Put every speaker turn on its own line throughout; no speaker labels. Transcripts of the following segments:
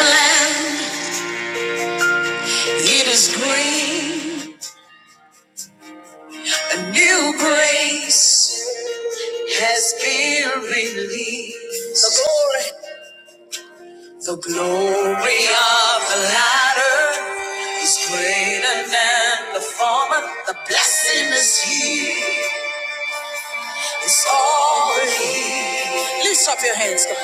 It is green, a new grace has been released. The glory, the glory of the latter is greater than the former. The blessing is here, it's already here. Lift up your hands, come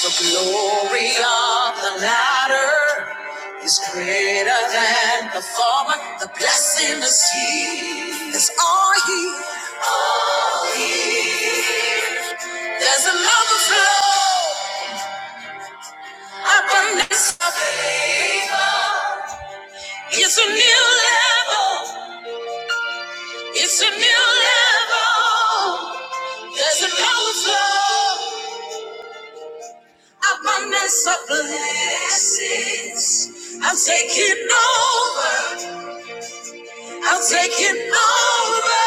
The glory of the latter is greater than the former. The blessing is here, It's all he. All he. There's an overflow. Abundance of favor. It's a new level. It's a new level. There's an overflow. I'm a mess of blessings. I'm taking over. I'm taking over.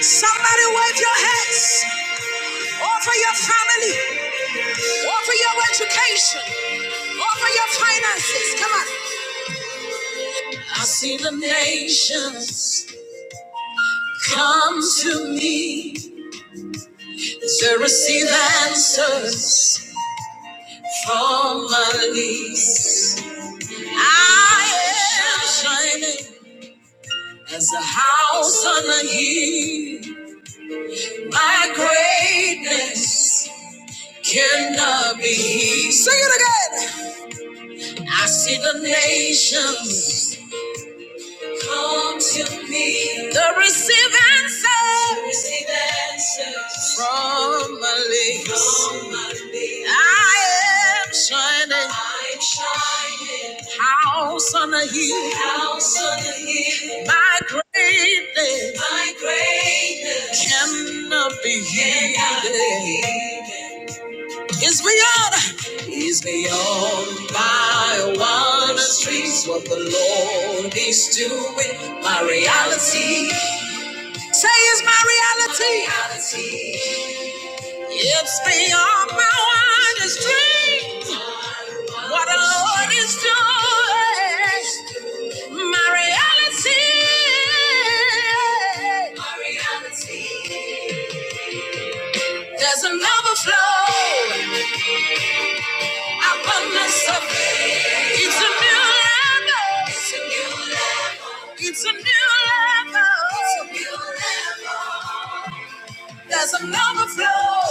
Somebody wave your hands. Or for your family. Or for your education. Or for your finances. Come on. I see the nations come to me to receive answers from my knees. I am shining as a house on a hill. My greatness cannot be hid. Sing it again. I see the nations. Come to me. The receive answers. Receive answers. From my lips. From my lips. I am shining. I'm shining. House on a hill. House on a hill. My greatness. My greatness. Cannot be hidden. Cannot be hidden is beyond. Is beyond my wildest dreams. What the Lord is doing, my reality. Say it's my reality. It's beyond my wildest dreams. What the Lord is doing, my reality. There's an overflow. I run myself. It's a new level. It's a new level. It's a new level. It's a new level. There's an overflow,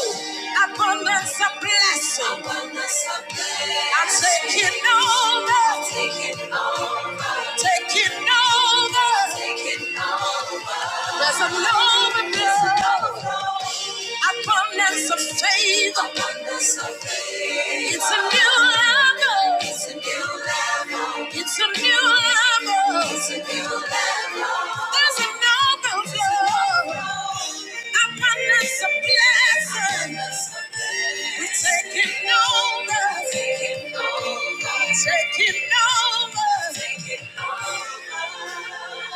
abundance of blessing. Abundance of blessing. I'm taking over, taking over, taking over, taking over. There's an overflow, abundance of favor. Abundance of favor. It's a new level. It's a new level. It's a new level. It's a new level. There's an overflow. Upon us a blessing. We're taking over. Taking over. Taking over. Taking over.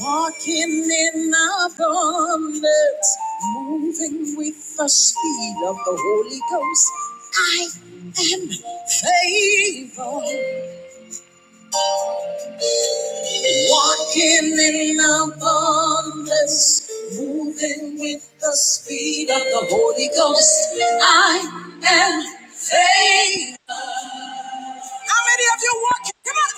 Walking in abundance, moving with the speed of the Holy Ghost. I am favored. Walking in abundance, moving with the speed of the Holy Ghost. I am saved. How many of you walking? Come on.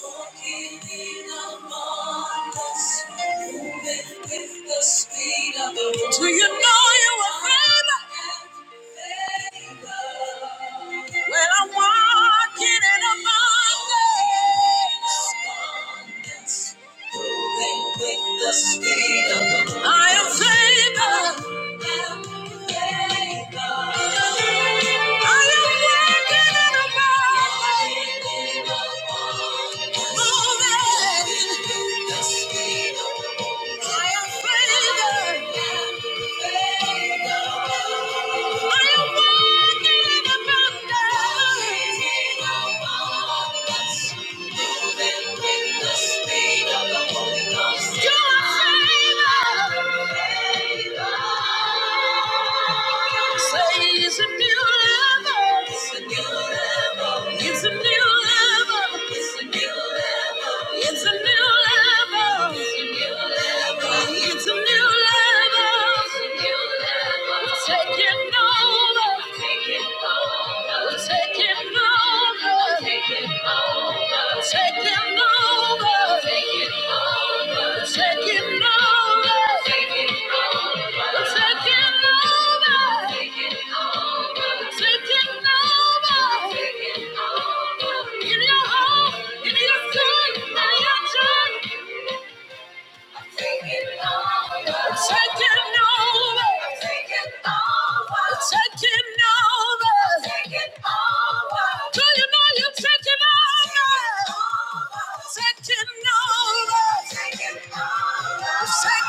Walking in abundance, moving with the speed of the Holy Ghost. Do you know you are found? Well, I'm walking in abundance. with the speed of the I am favored. I am working in a moment. Moving With the speed of the Lord. Say it's a beautiful it's a new level. It's a new level. It's a new level. It's a new level. It's a new level. It's a new level. It's a new level. We're taking over. We're taking over. We're taking over. We're taking over. We're Taking over. We're Taking over. Taking over, taking over, taking over, taking over, taking over. In your home, in your soul, in your joy. It's taking over. It's taking over. It's taking over. taking over. Do you know you're taking over? Taking over. Taking over. Taking over.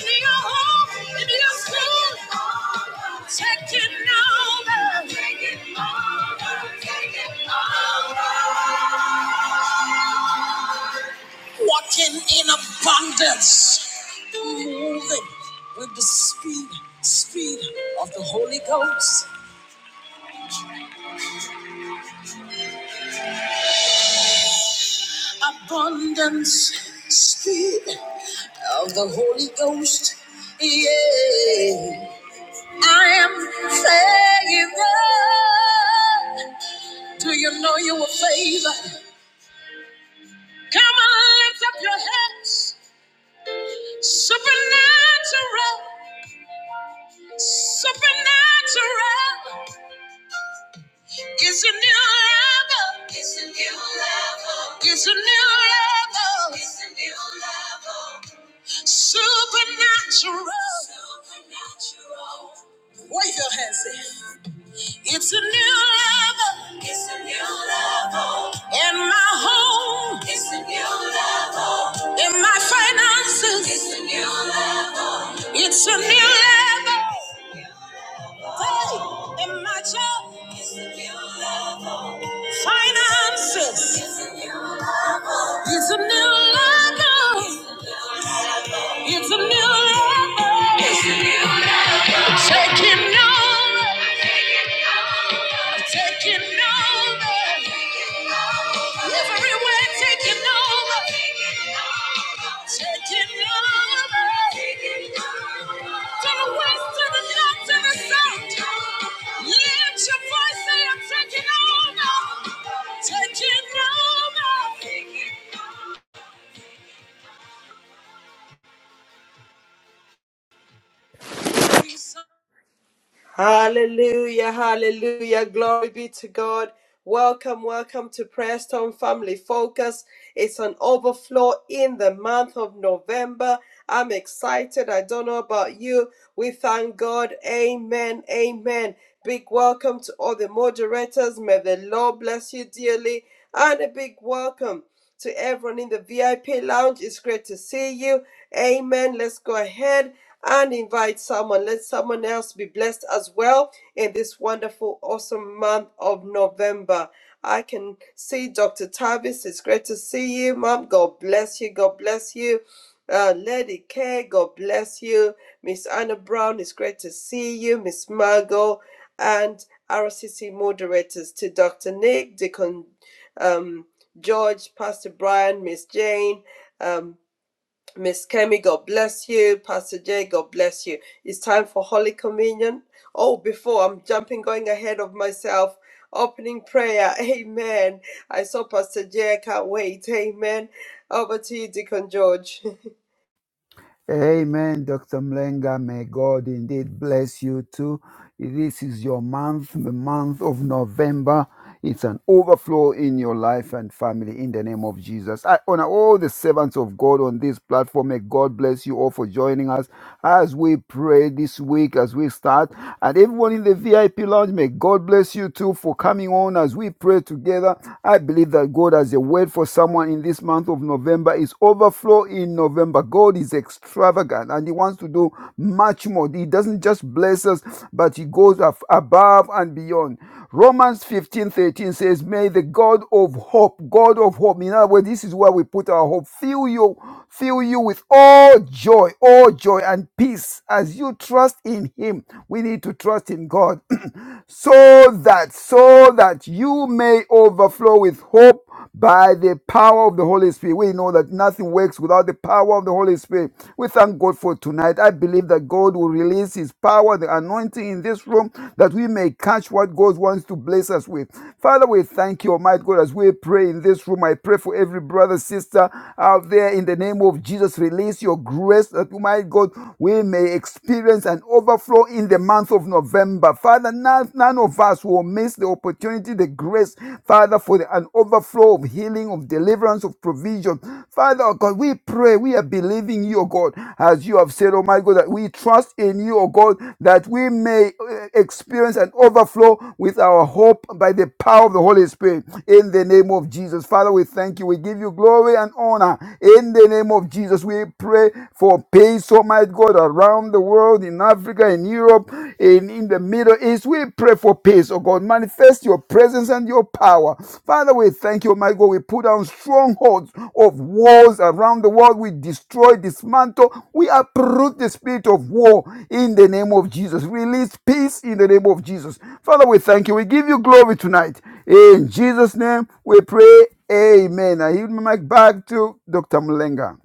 Taking over. In your home, in your school. Taking over. walking in abundance, moving with the speed, speed of the Holy Ghost, abundance, speed of the Holy Ghost. Yeah, I am favored. Do you know you were favored? Come on, lift up your hands. supernatural, supernatural. It's a new level. It's a new level. It's a new level. It's a new level. Supernatural. Supernatural. Wave your hands there. It's a new level. It's a new level. In my home. It's a new level. In my finances. It's a new level. It's a new level. Hey, in my job. It's a new level. Finances. It's a new level. It's a new level. It's a new level. Taking over. Taking over. Everywhere taking over. Taking over. Taking over. To the west, to the north, to the south. Lift your voice, say I'm taking over. Taking over. Taking over.
Hallelujah, hallelujah. Glory be to God. Welcome, welcome to Prayer Storm Family Focus. It's an overflow in the month of November. I'm excited. I don't know about you. We thank God. Amen. Amen. Big welcome to all the moderators. May the Lord bless you dearly. And a big welcome. To everyone in the VIP lounge, it's great to see you. Amen. Let's go ahead and invite someone. Let someone else be blessed as well in this wonderful, awesome month of November. I can see Dr. Tavis. It's great to see you, Mom. God bless you. God bless you. Uh, Lady K, God bless you. Miss Anna Brown, it's great to see you. Miss Margot and RCC moderators to Dr. Nick, Deacon um, George, Pastor Brian, Miss Jane, um, Miss Kemi, God bless you. Pastor Jay, God bless you. It's time for Holy Communion. Oh, before I'm jumping, going ahead of myself. Opening prayer, amen. I saw Pastor Jay, I can't wait, amen. Over to you, Deacon George.
Amen, Dr. Mlenga. May God indeed bless you too. This is your month, the month of November. It's an overflow in your life and family in the name of Jesus. I honor all the servants of God on this platform. May God bless you all for joining us as we pray this week, as we start. And everyone in the VIP lounge, may God bless you too for coming on as we pray together. I believe that God has a word for someone in this month month of November is overflow in November. God is extravagant and He wants to do much more. He doesn't just bless us, but He goes af- above and beyond. Romans 15 13 says, May the God of hope, God of hope, in other words, this is where we put our hope, fill you, fill you with all joy, all joy and peace as you trust in Him. We need to trust in God so that, so that you may may overflow with hope by the power of the Holy Spirit. We know that nothing works without the power of the Holy Spirit. We thank God for tonight. I believe that God will release His power, the anointing in this room, that we may catch what God wants to bless us with. Father, we thank you, Almighty God, as we pray in this room. I pray for every brother, sister out there in the name of Jesus. Release your grace that, Almighty God, we may experience an overflow in the month of November. Father, Father, none, none of us will miss the opportunity, the grace, Father, for the, an overflow of healing, of deliverance, of provision. Father, oh God, we pray, we are believing you, oh God, as you have said, oh my God, that we trust in you, oh God, that we may uh, experience an overflow with our hope by the power of the Holy Spirit in the name of Jesus. Father, we thank you. We give you glory and honor in the name of Jesus. We pray for peace, oh my God, around around the world, in Africa, in Europe, in, in the Middle East. We pray for peace, oh God. Manifest your presence and your power. Father, we thank you, my God. We put down strongholds of wars around the world. We destroy, dismantle. We uproot the spirit of war in the name of Jesus. Release peace in the name of Jesus. Father, we thank you. We give you glory tonight. In Jesus' name, we pray. Amen. I yield my mic back to Dr. Mulenga.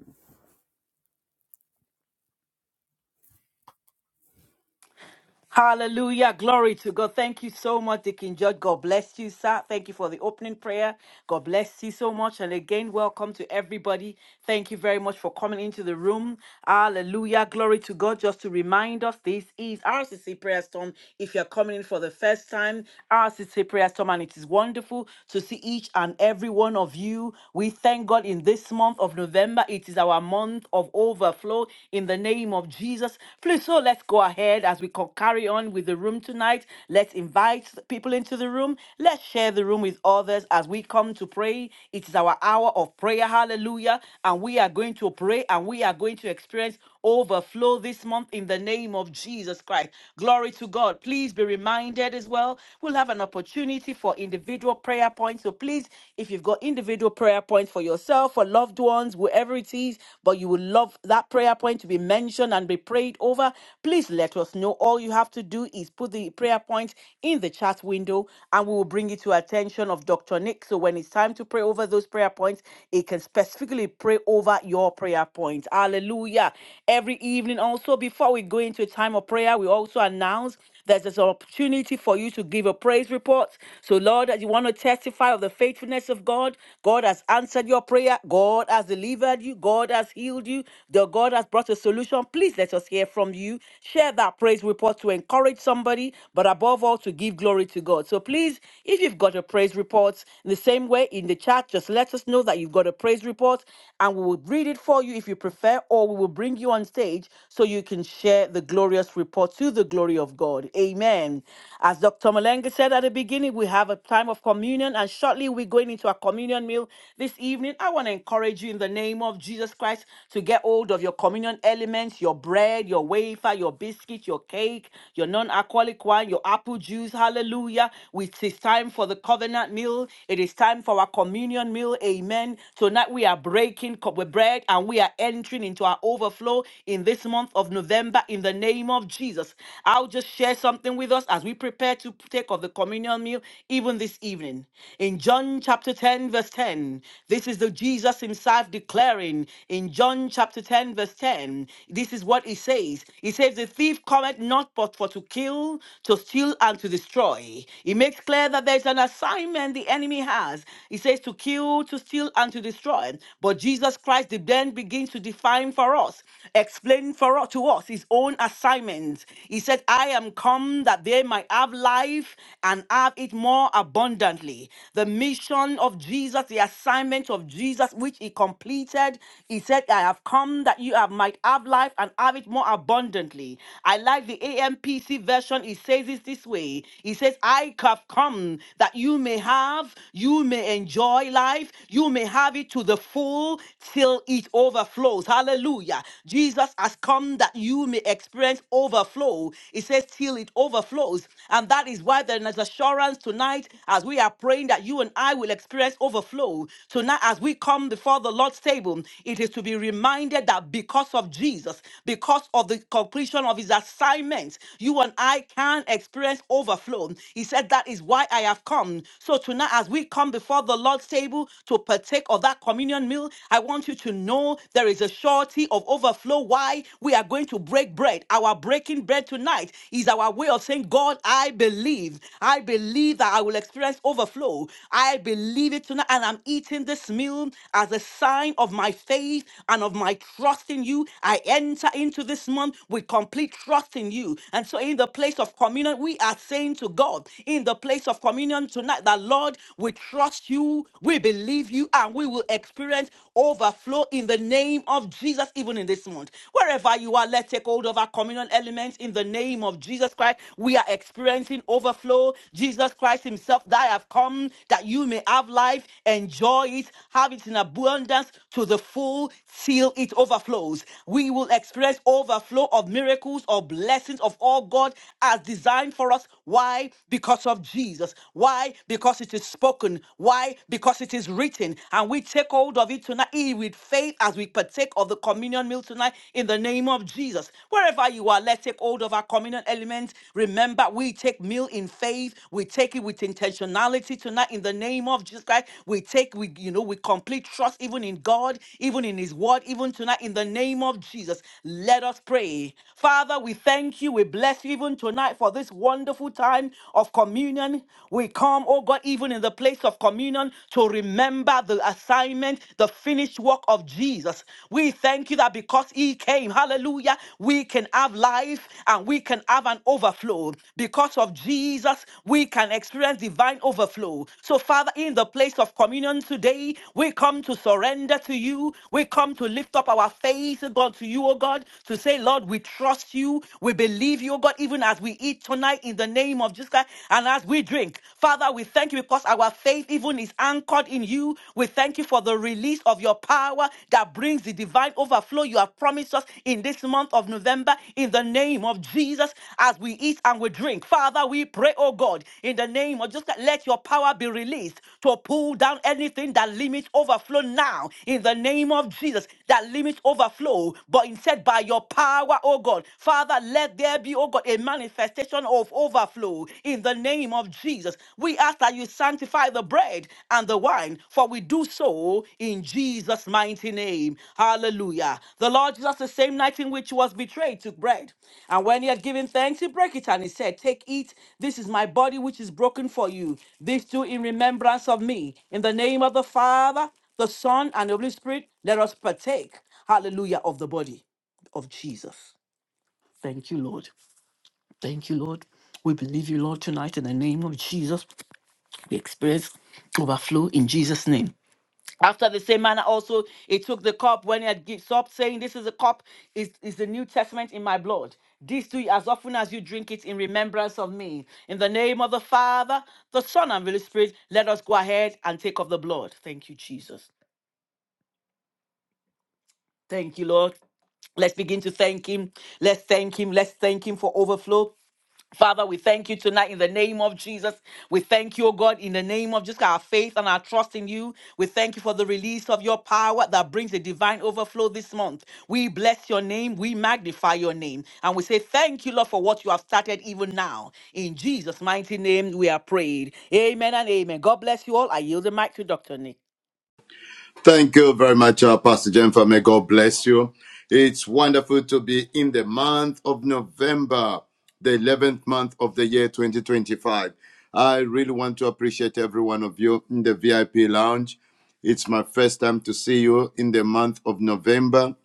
Hallelujah. Glory to God. Thank you so much, Deacon George. God bless you, sir. Thank you for the opening prayer. God bless you so much. And again, welcome to everybody. Thank you very much for coming into the room. Hallelujah. Glory to God. Just to remind us, this is RCC Prayer Storm. If you're coming in for the first time, RCC Prayer Storm, and it is wonderful to see each and every one of you. We thank God in this month of November. It is our month of overflow in the name of Jesus. Please, so let's go ahead as we concur carry on with the room tonight. Let's invite people into the room. Let's share the room with others as we come to pray. It is our hour of prayer. Hallelujah. And we are going to pray and we are going to experience overflow this month in the name of Jesus Christ. Glory to God. Please be reminded as well, we'll have an opportunity for individual prayer points. So please, if you've got individual prayer points for yourself, for loved ones, whoever it is, but you would love that prayer point to be mentioned and be prayed over, please let us know All all you have to do is put the prayer point in the chat window and we will bring it to attention of Dr. Nick. So when it's time to pray over those prayer points, it can specifically pray over your prayer point. Hallelujah. Every evening also before we go into a time of prayer, we also announce there's this opportunity for you to give a praise report. So, Lord, as you want to testify of the faithfulness of God, God has answered your prayer. God has delivered you. God has healed you. The God has brought a solution. Please let us hear from you. Share that praise report to encourage somebody, but above all, to give glory to God. So, please, if you've got a praise report, in the same way in the chat, just let us know that you've got a praise report and we will read it for you if you prefer, or we will bring you on stage so you can share the glorious progress report to the glory of God. Amen. As Dr. Malenga said at the beginning, we have a time of communion, and shortly we're going into our communion meal this evening. I want to encourage you in the name of Jesus Christ to get hold of your communion elements, your bread, your wafer, your biscuit, your cake, your non-alcoholic wine, your apple juice. Hallelujah. It is time for the covenant meal. It is time for our communion meal. Amen. Tonight we are breaking cup with bread and we are entering into our overflow in this month month of November in the name of Jesus. I'll just share something with us as we prepare to take of the communion meal even this evening. In John chapter 10, verse 10, this is the Jesus himself declaring in John chapter 10, verse 10, this is what he says. He says, The thief cometh not but for to kill, to steal, and to destroy. He makes clear that there's an assignment the enemy has. He says, To kill, to steal, and to destroy. But Jesus Christ then begins to define time for us, explaining for us, to us his own assignment. He said, I am come that they might have life and have it more abundantly. The mission of Jesus, the assignment of Jesus, which he completed, he said, I have come that you have, might have life and have it more abundantly. I like the AMPC version. It says it this way He says, I have come that you may have, you may enjoy life, you may have it to the full till." till it overflows. Hallelujah. Jesus has come that you may experience overflow. It says, till it overflows. And that is why there is assurance tonight as we are praying that you and I will experience overflow. Tonight, as we come before the Lord's table, it is to be reminded that because of Jesus, because of the completion of his assignment, you and I can experience overflow. He said, That is why I have come. So tonight, as we come before the Lord's table to partake of of that communion meal, I want you to know there is a surety of overflow. Why? We are going to break bread. Our breaking bread tonight is our way of saying, God, I believe. I believe that I will experience overflow. I believe it tonight. And I'm eating this meal as a sign of my faith and of my trust in you. I enter into this month with complete trust in you. And so, in the place of communion, we are saying to God, in the place of communion tonight, that Lord, we trust you you, we believe you, and we will experience overflow in the name of Jesus, even in this month. Wherever you are, let's take hold of our communal elements in the name of Jesus Christ. We are experiencing overflow. Jesus Christ Himself, that I have come that you may have life, enjoy it, have it in abundance to the full till it overflows. We will experience overflow of miracles, of blessings of all God has designed for us. Why? Because of Jesus. Why? Because because it is spoken. Why? Because it is written. And we take hold of it tonight, eat with faith as we partake of the communion meal tonight in the name of Jesus. Wherever you are, let's take hold of our communion element. Remember, we take meal in faith. We take it with intentionality tonight in the name of Jesus Christ. We take, we, you know, with complete trust even in God, even in His word, even tonight in the name of Jesus. Let us pray. Father, we thank you. We bless you even tonight for this wonderful time of communion communion, we come, oh God, even in the place of communion to remember the assignment, the finished work of Jesus. We thank you that because He came, hallelujah, we can have life and we can have an overflow. Because of Jesus, we can experience divine overflow. So, Father, in the place of communion today, we come to surrender to you. We come to lift up our faith, God, to you, oh God, to say, Lord, we trust you. We believe you, oh God, even as we eat tonight tonight in the name of Jesus Christ. And as we drink, Father, we thank you because our faith even is anchored in you. We thank you for the release of your power that brings the divine overflow you have promised us in this month of November in the name of Jesus as we eat and we drink. Father, we pray, oh God, in the name of Jesus Christ, let your power be released to pull down anything that limits overflow now in the name of Jesus that limits overflow, but instead by your power, oh God. Father, let there be be, oh God, a manifestation of overflow in the name of Jesus. We ask that you sanctify the bread and the wine, for we do so in Jesus' mighty name. Hallelujah. The Lord Jesus, the same night in which he was betrayed, took bread. And when he had given thanks, he broke it and he said, Take, eat. This is my body which is broken for you. This do in remembrance of me. In the name of the Father, the Son, and the Holy Spirit, let us partake, hallelujah, of the body of Jesus. Thank you, Lord. Thank you, Lord. We believe you, Lord, tonight in the name of Jesus. We experience overflow in Jesus' name. After the same manner, also he took the cup when he had given up, saying, This is the cup, is, is the New Testament in my blood. This do ye as often as you drink it in remembrance of me. In the name of the Father, the Son, and Holy Spirit, let us go ahead and take of the blood. Thank you, Jesus. Thank you, Lord. Let's begin to thank him. Let's thank him. Let's thank him for overflow. Father, we thank you tonight in the name of Jesus. We thank you, O God, in the name of just our faith and our trust in you. We thank you for the release of your power that brings a divine overflow this month. We bless your name. We magnify your name. And we say thank you, Lord, for what you have started even now. In Jesus' mighty name, we are prayed. Amen and amen. God bless you all. I yield the mic to Dr. Nick.
Thank you very much, uh, Pastor Jennifer. May God bless you. It's wonderful to be in the month of November, the 11th month of the year 2025. I really want to appreciate every one of you in the VIP lounge. It's my first time to see you in the month of November.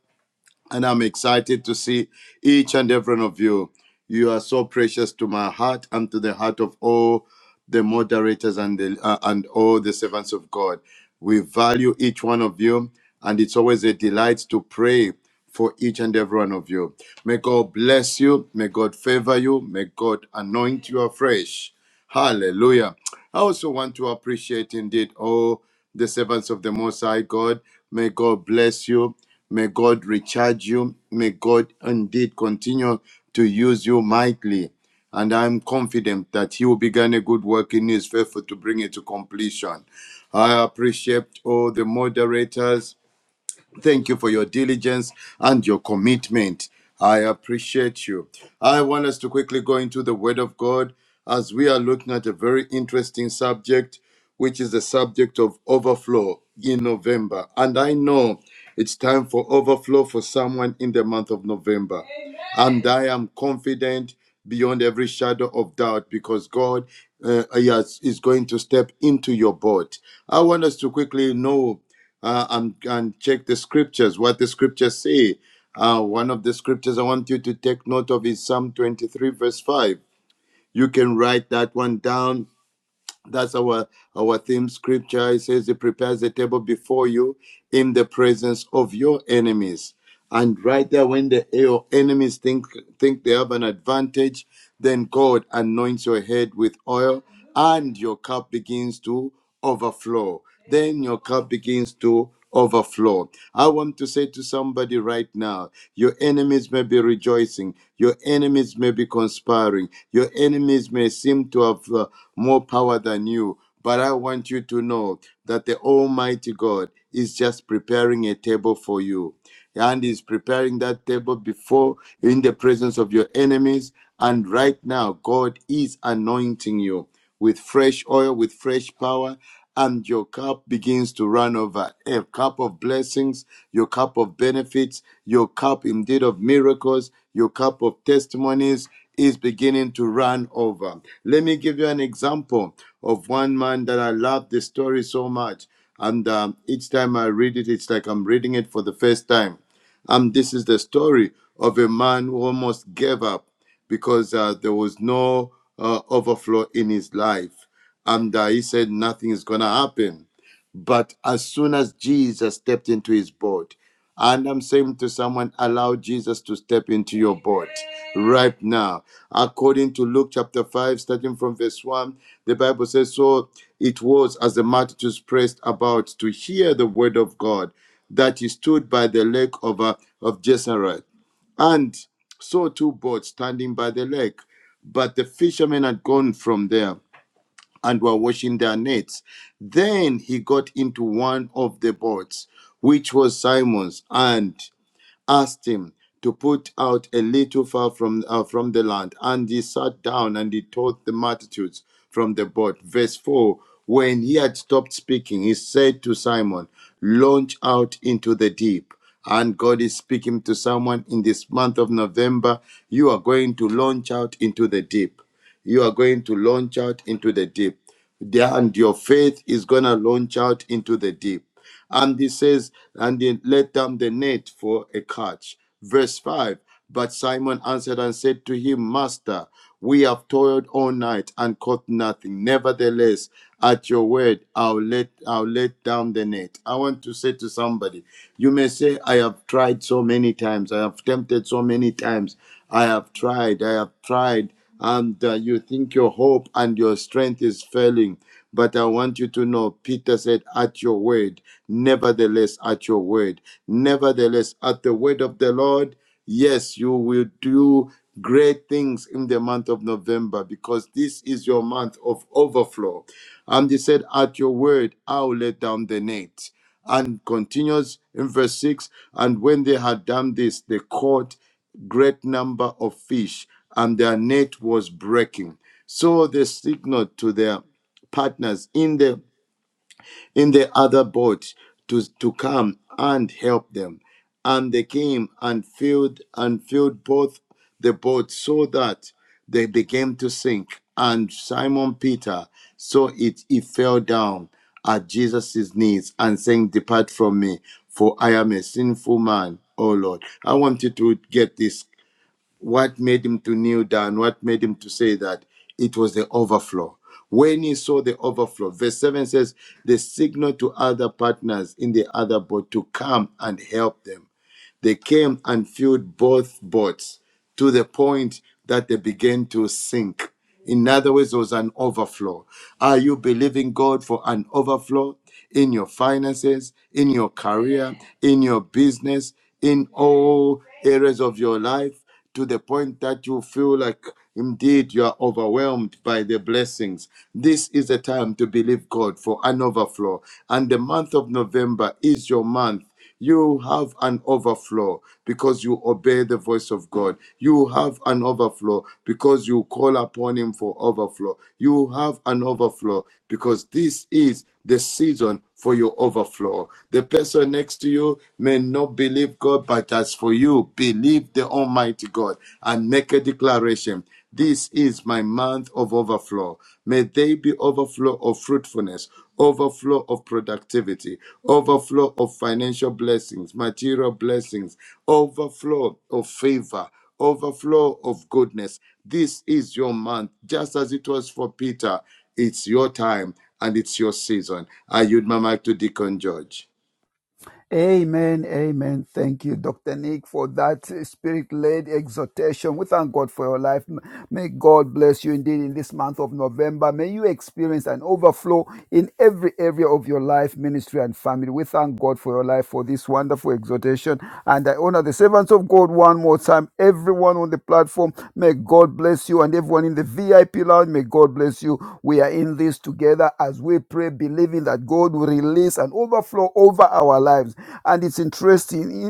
And I'm excited to see each and every one of you. You are so precious to my heart and to the heart of all the moderators and the, uh, and all the servants of God. We value each one of you, and it's always a delight to pray for each and every one of you. May God bless you. May God favor you. May God anoint you afresh. Hallelujah. I also want to appreciate indeed all the servants of the Most High God. May God bless you. May God recharge you. May God indeed continue to use you mightily. And I'm confident that He will begin a good work in His faithful to bring it to completion. I appreciate all the moderators. Thank you for your diligence and your commitment. I appreciate you. I want us to quickly go into the Word of God as we are looking at a very interesting subject, which is the subject of overflow in November. And I know it's time for overflow for someone in the month of November. And I am confident beyond every shadow of doubt because God uh, yes, is going to step into your boat. I want us to quickly know uh, and, and check the scriptures, what the scriptures say. Uh, one of the scriptures I want you to take note of is Psalm 23, verse 5. You can write that one down. That's our, our theme scripture. It says, He prepares a table before you in the presence of your enemies. And right there, when the your enemies think think they have an advantage, then God anoints your head with oil, and your cup begins to overflow. Then your cup begins to overflow. I want to say to somebody right now: your enemies may be rejoicing, your enemies may be conspiring, your enemies may seem to have uh, more power than you. But I want you to know that the Almighty God is just preparing a table for you and is preparing that table before in the presence of your enemies. And right now, God is anointing you with fresh oil, with fresh power, and your cup begins to run over. A cup of blessings, your cup of benefits, your cup indeed of miracles, your cup of testimonies is beginning to run over. Let me give you an example of one man that I love the story so much. And um, each time I read it, it's like I'm reading it for the first time um, this is the story of a man who almost gave up because uh, there was no uh, overflow in his life. And uh, he said, Nothing is going to happen. But as soon as Jesus stepped into his boat, and I'm saying to someone, allow Jesus to step into your boat right now. According to Luke chapter 5, starting from verse 1, the Bible says, So it was as the multitudes pressed about to hear the word of God that he stood by the lake of, uh, of Gennesaret and saw two boats standing by the lake. But the fishermen had gone from there and were washing their nets. Then he got into one of the boats, which was Simon's, and asked him to put out a little far from, uh, from the land. And he sat down and he taught the multitudes from the boat. Verse 4 When he had stopped speaking, he said to Simon, Launch out into the deep. And God is speaking to someone in this month of November. You are going to launch out into the deep. You are going to launch out into the deep. There, and your faith is going to launch out into the deep. And he says, and they let down the net for a catch. Verse 5 But Simon answered and said to him, Master, we have toiled all night and caught nothing. Nevertheless, at your word, I'll let I'll let down the net. I want to say to somebody, you may say, I have tried so many times, I have tempted so many times, I have tried, I have tried and uh, you think your hope and your strength is failing. But I want you to know, Peter said, at your word, nevertheless, at your word, nevertheless, at the word of the Lord, yes, you will do great things in the month of November because this is your month of overflow. And he said, at your word, I'll let down the net. And continues in verse 6 And when they had done this, they caught great number of fish, and their net was breaking. So they signaled to their partners in the in the other boat to, to come and help them. And they came and filled and filled both the boats so that they began to sink. And Simon Peter saw it, he fell down at Jesus' knees and saying, Depart from me, for I am a sinful man, O Lord. I want you to get this what made him to kneel down? What made him to say that? It was the overflow. When he saw the overflow, verse 7 says, the signal to other partners in the other boat to come and help them. They came and filled both boats to the point that they began to sink. In other words, there was an overflow. Are you believing God for an overflow in your finances, in your career, in your business, in all areas of your life? to the point that you feel like indeed you are overwhelmed by the blessings. This is the time to believe God for an overflow. And the month of November is your month. You have an overflow because you obey the voice of God. You have an overflow because you call upon Him for overflow. You have an overflow because this is the season for your overflow. The person next to you may not believe God, but as for you, believe the Almighty God and make a declaration. This is my month of overflow. May they be overflow of fruitfulness, overflow of productivity, overflow of financial blessings, material blessings, overflow of favor, overflow of goodness. This is your month, just as it was for Peter. It's your time and it's your season. I yield my mic to Deacon George.
Amen, amen. Thank you, Dr. Nick, for that spirit led exhortation. We thank God for your life. M- May God bless you indeed in this month of November. May you experience an overflow in every area of your life, ministry, and family. We thank God for your life for this wonderful exhortation. And I honor the servants of God one more time. Everyone on the platform, may God bless you. And everyone in the VIP lounge, may God bless you. We are in this together as we pray, believing that God will release grace and overflow over our lives. And it's interesting.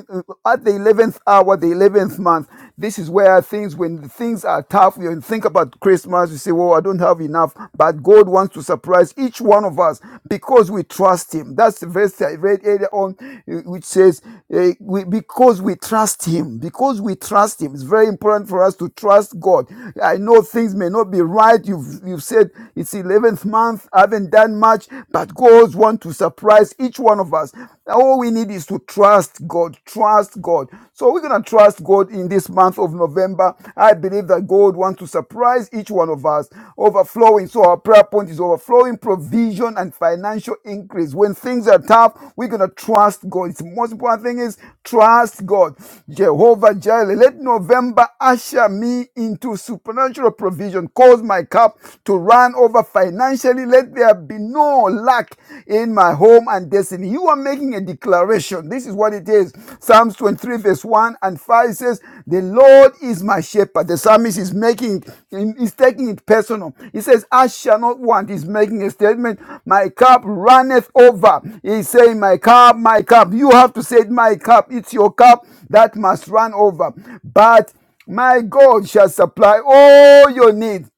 At the 11th hour, the 11th month, this is where things, when things are tough, you think about Christmas, you say, well, I don't have enough. But God wants to surprise each one of us because we trust Him. That's the verse I read earlier on, eh, which says, eh, because we trust Him, because we trust Him. It's very important for us to trust God. I know things may not be right. You've, you've said it's 11th month, I haven't done much much that God wants to surprise each one of us. All we need is to trust God. Trust God. So we're going to trust God in this month of November. I believe that God wants to surprise each one of us, overflowing. So our prayer point is overflowing provision and financial increase. When things are tough, we're going to trust God. the most important thing is trust God. Jehovah Jireh, let November usher me into supernatural provision. Cause my cup to run over over financially. Let there be no lack in my home and destiny. You are making a declaration. This is what it is. Psalms 23, verse 1 and 5 says, The Lord is my shepherd. The psalmist is making, is taking it personal. He says, I shall not want. He's making a statement. My cup runneth over. He's saying, My cup, my cup. You have to say, it, My cup. It's your cup that must run over. But my God shall supply all your needs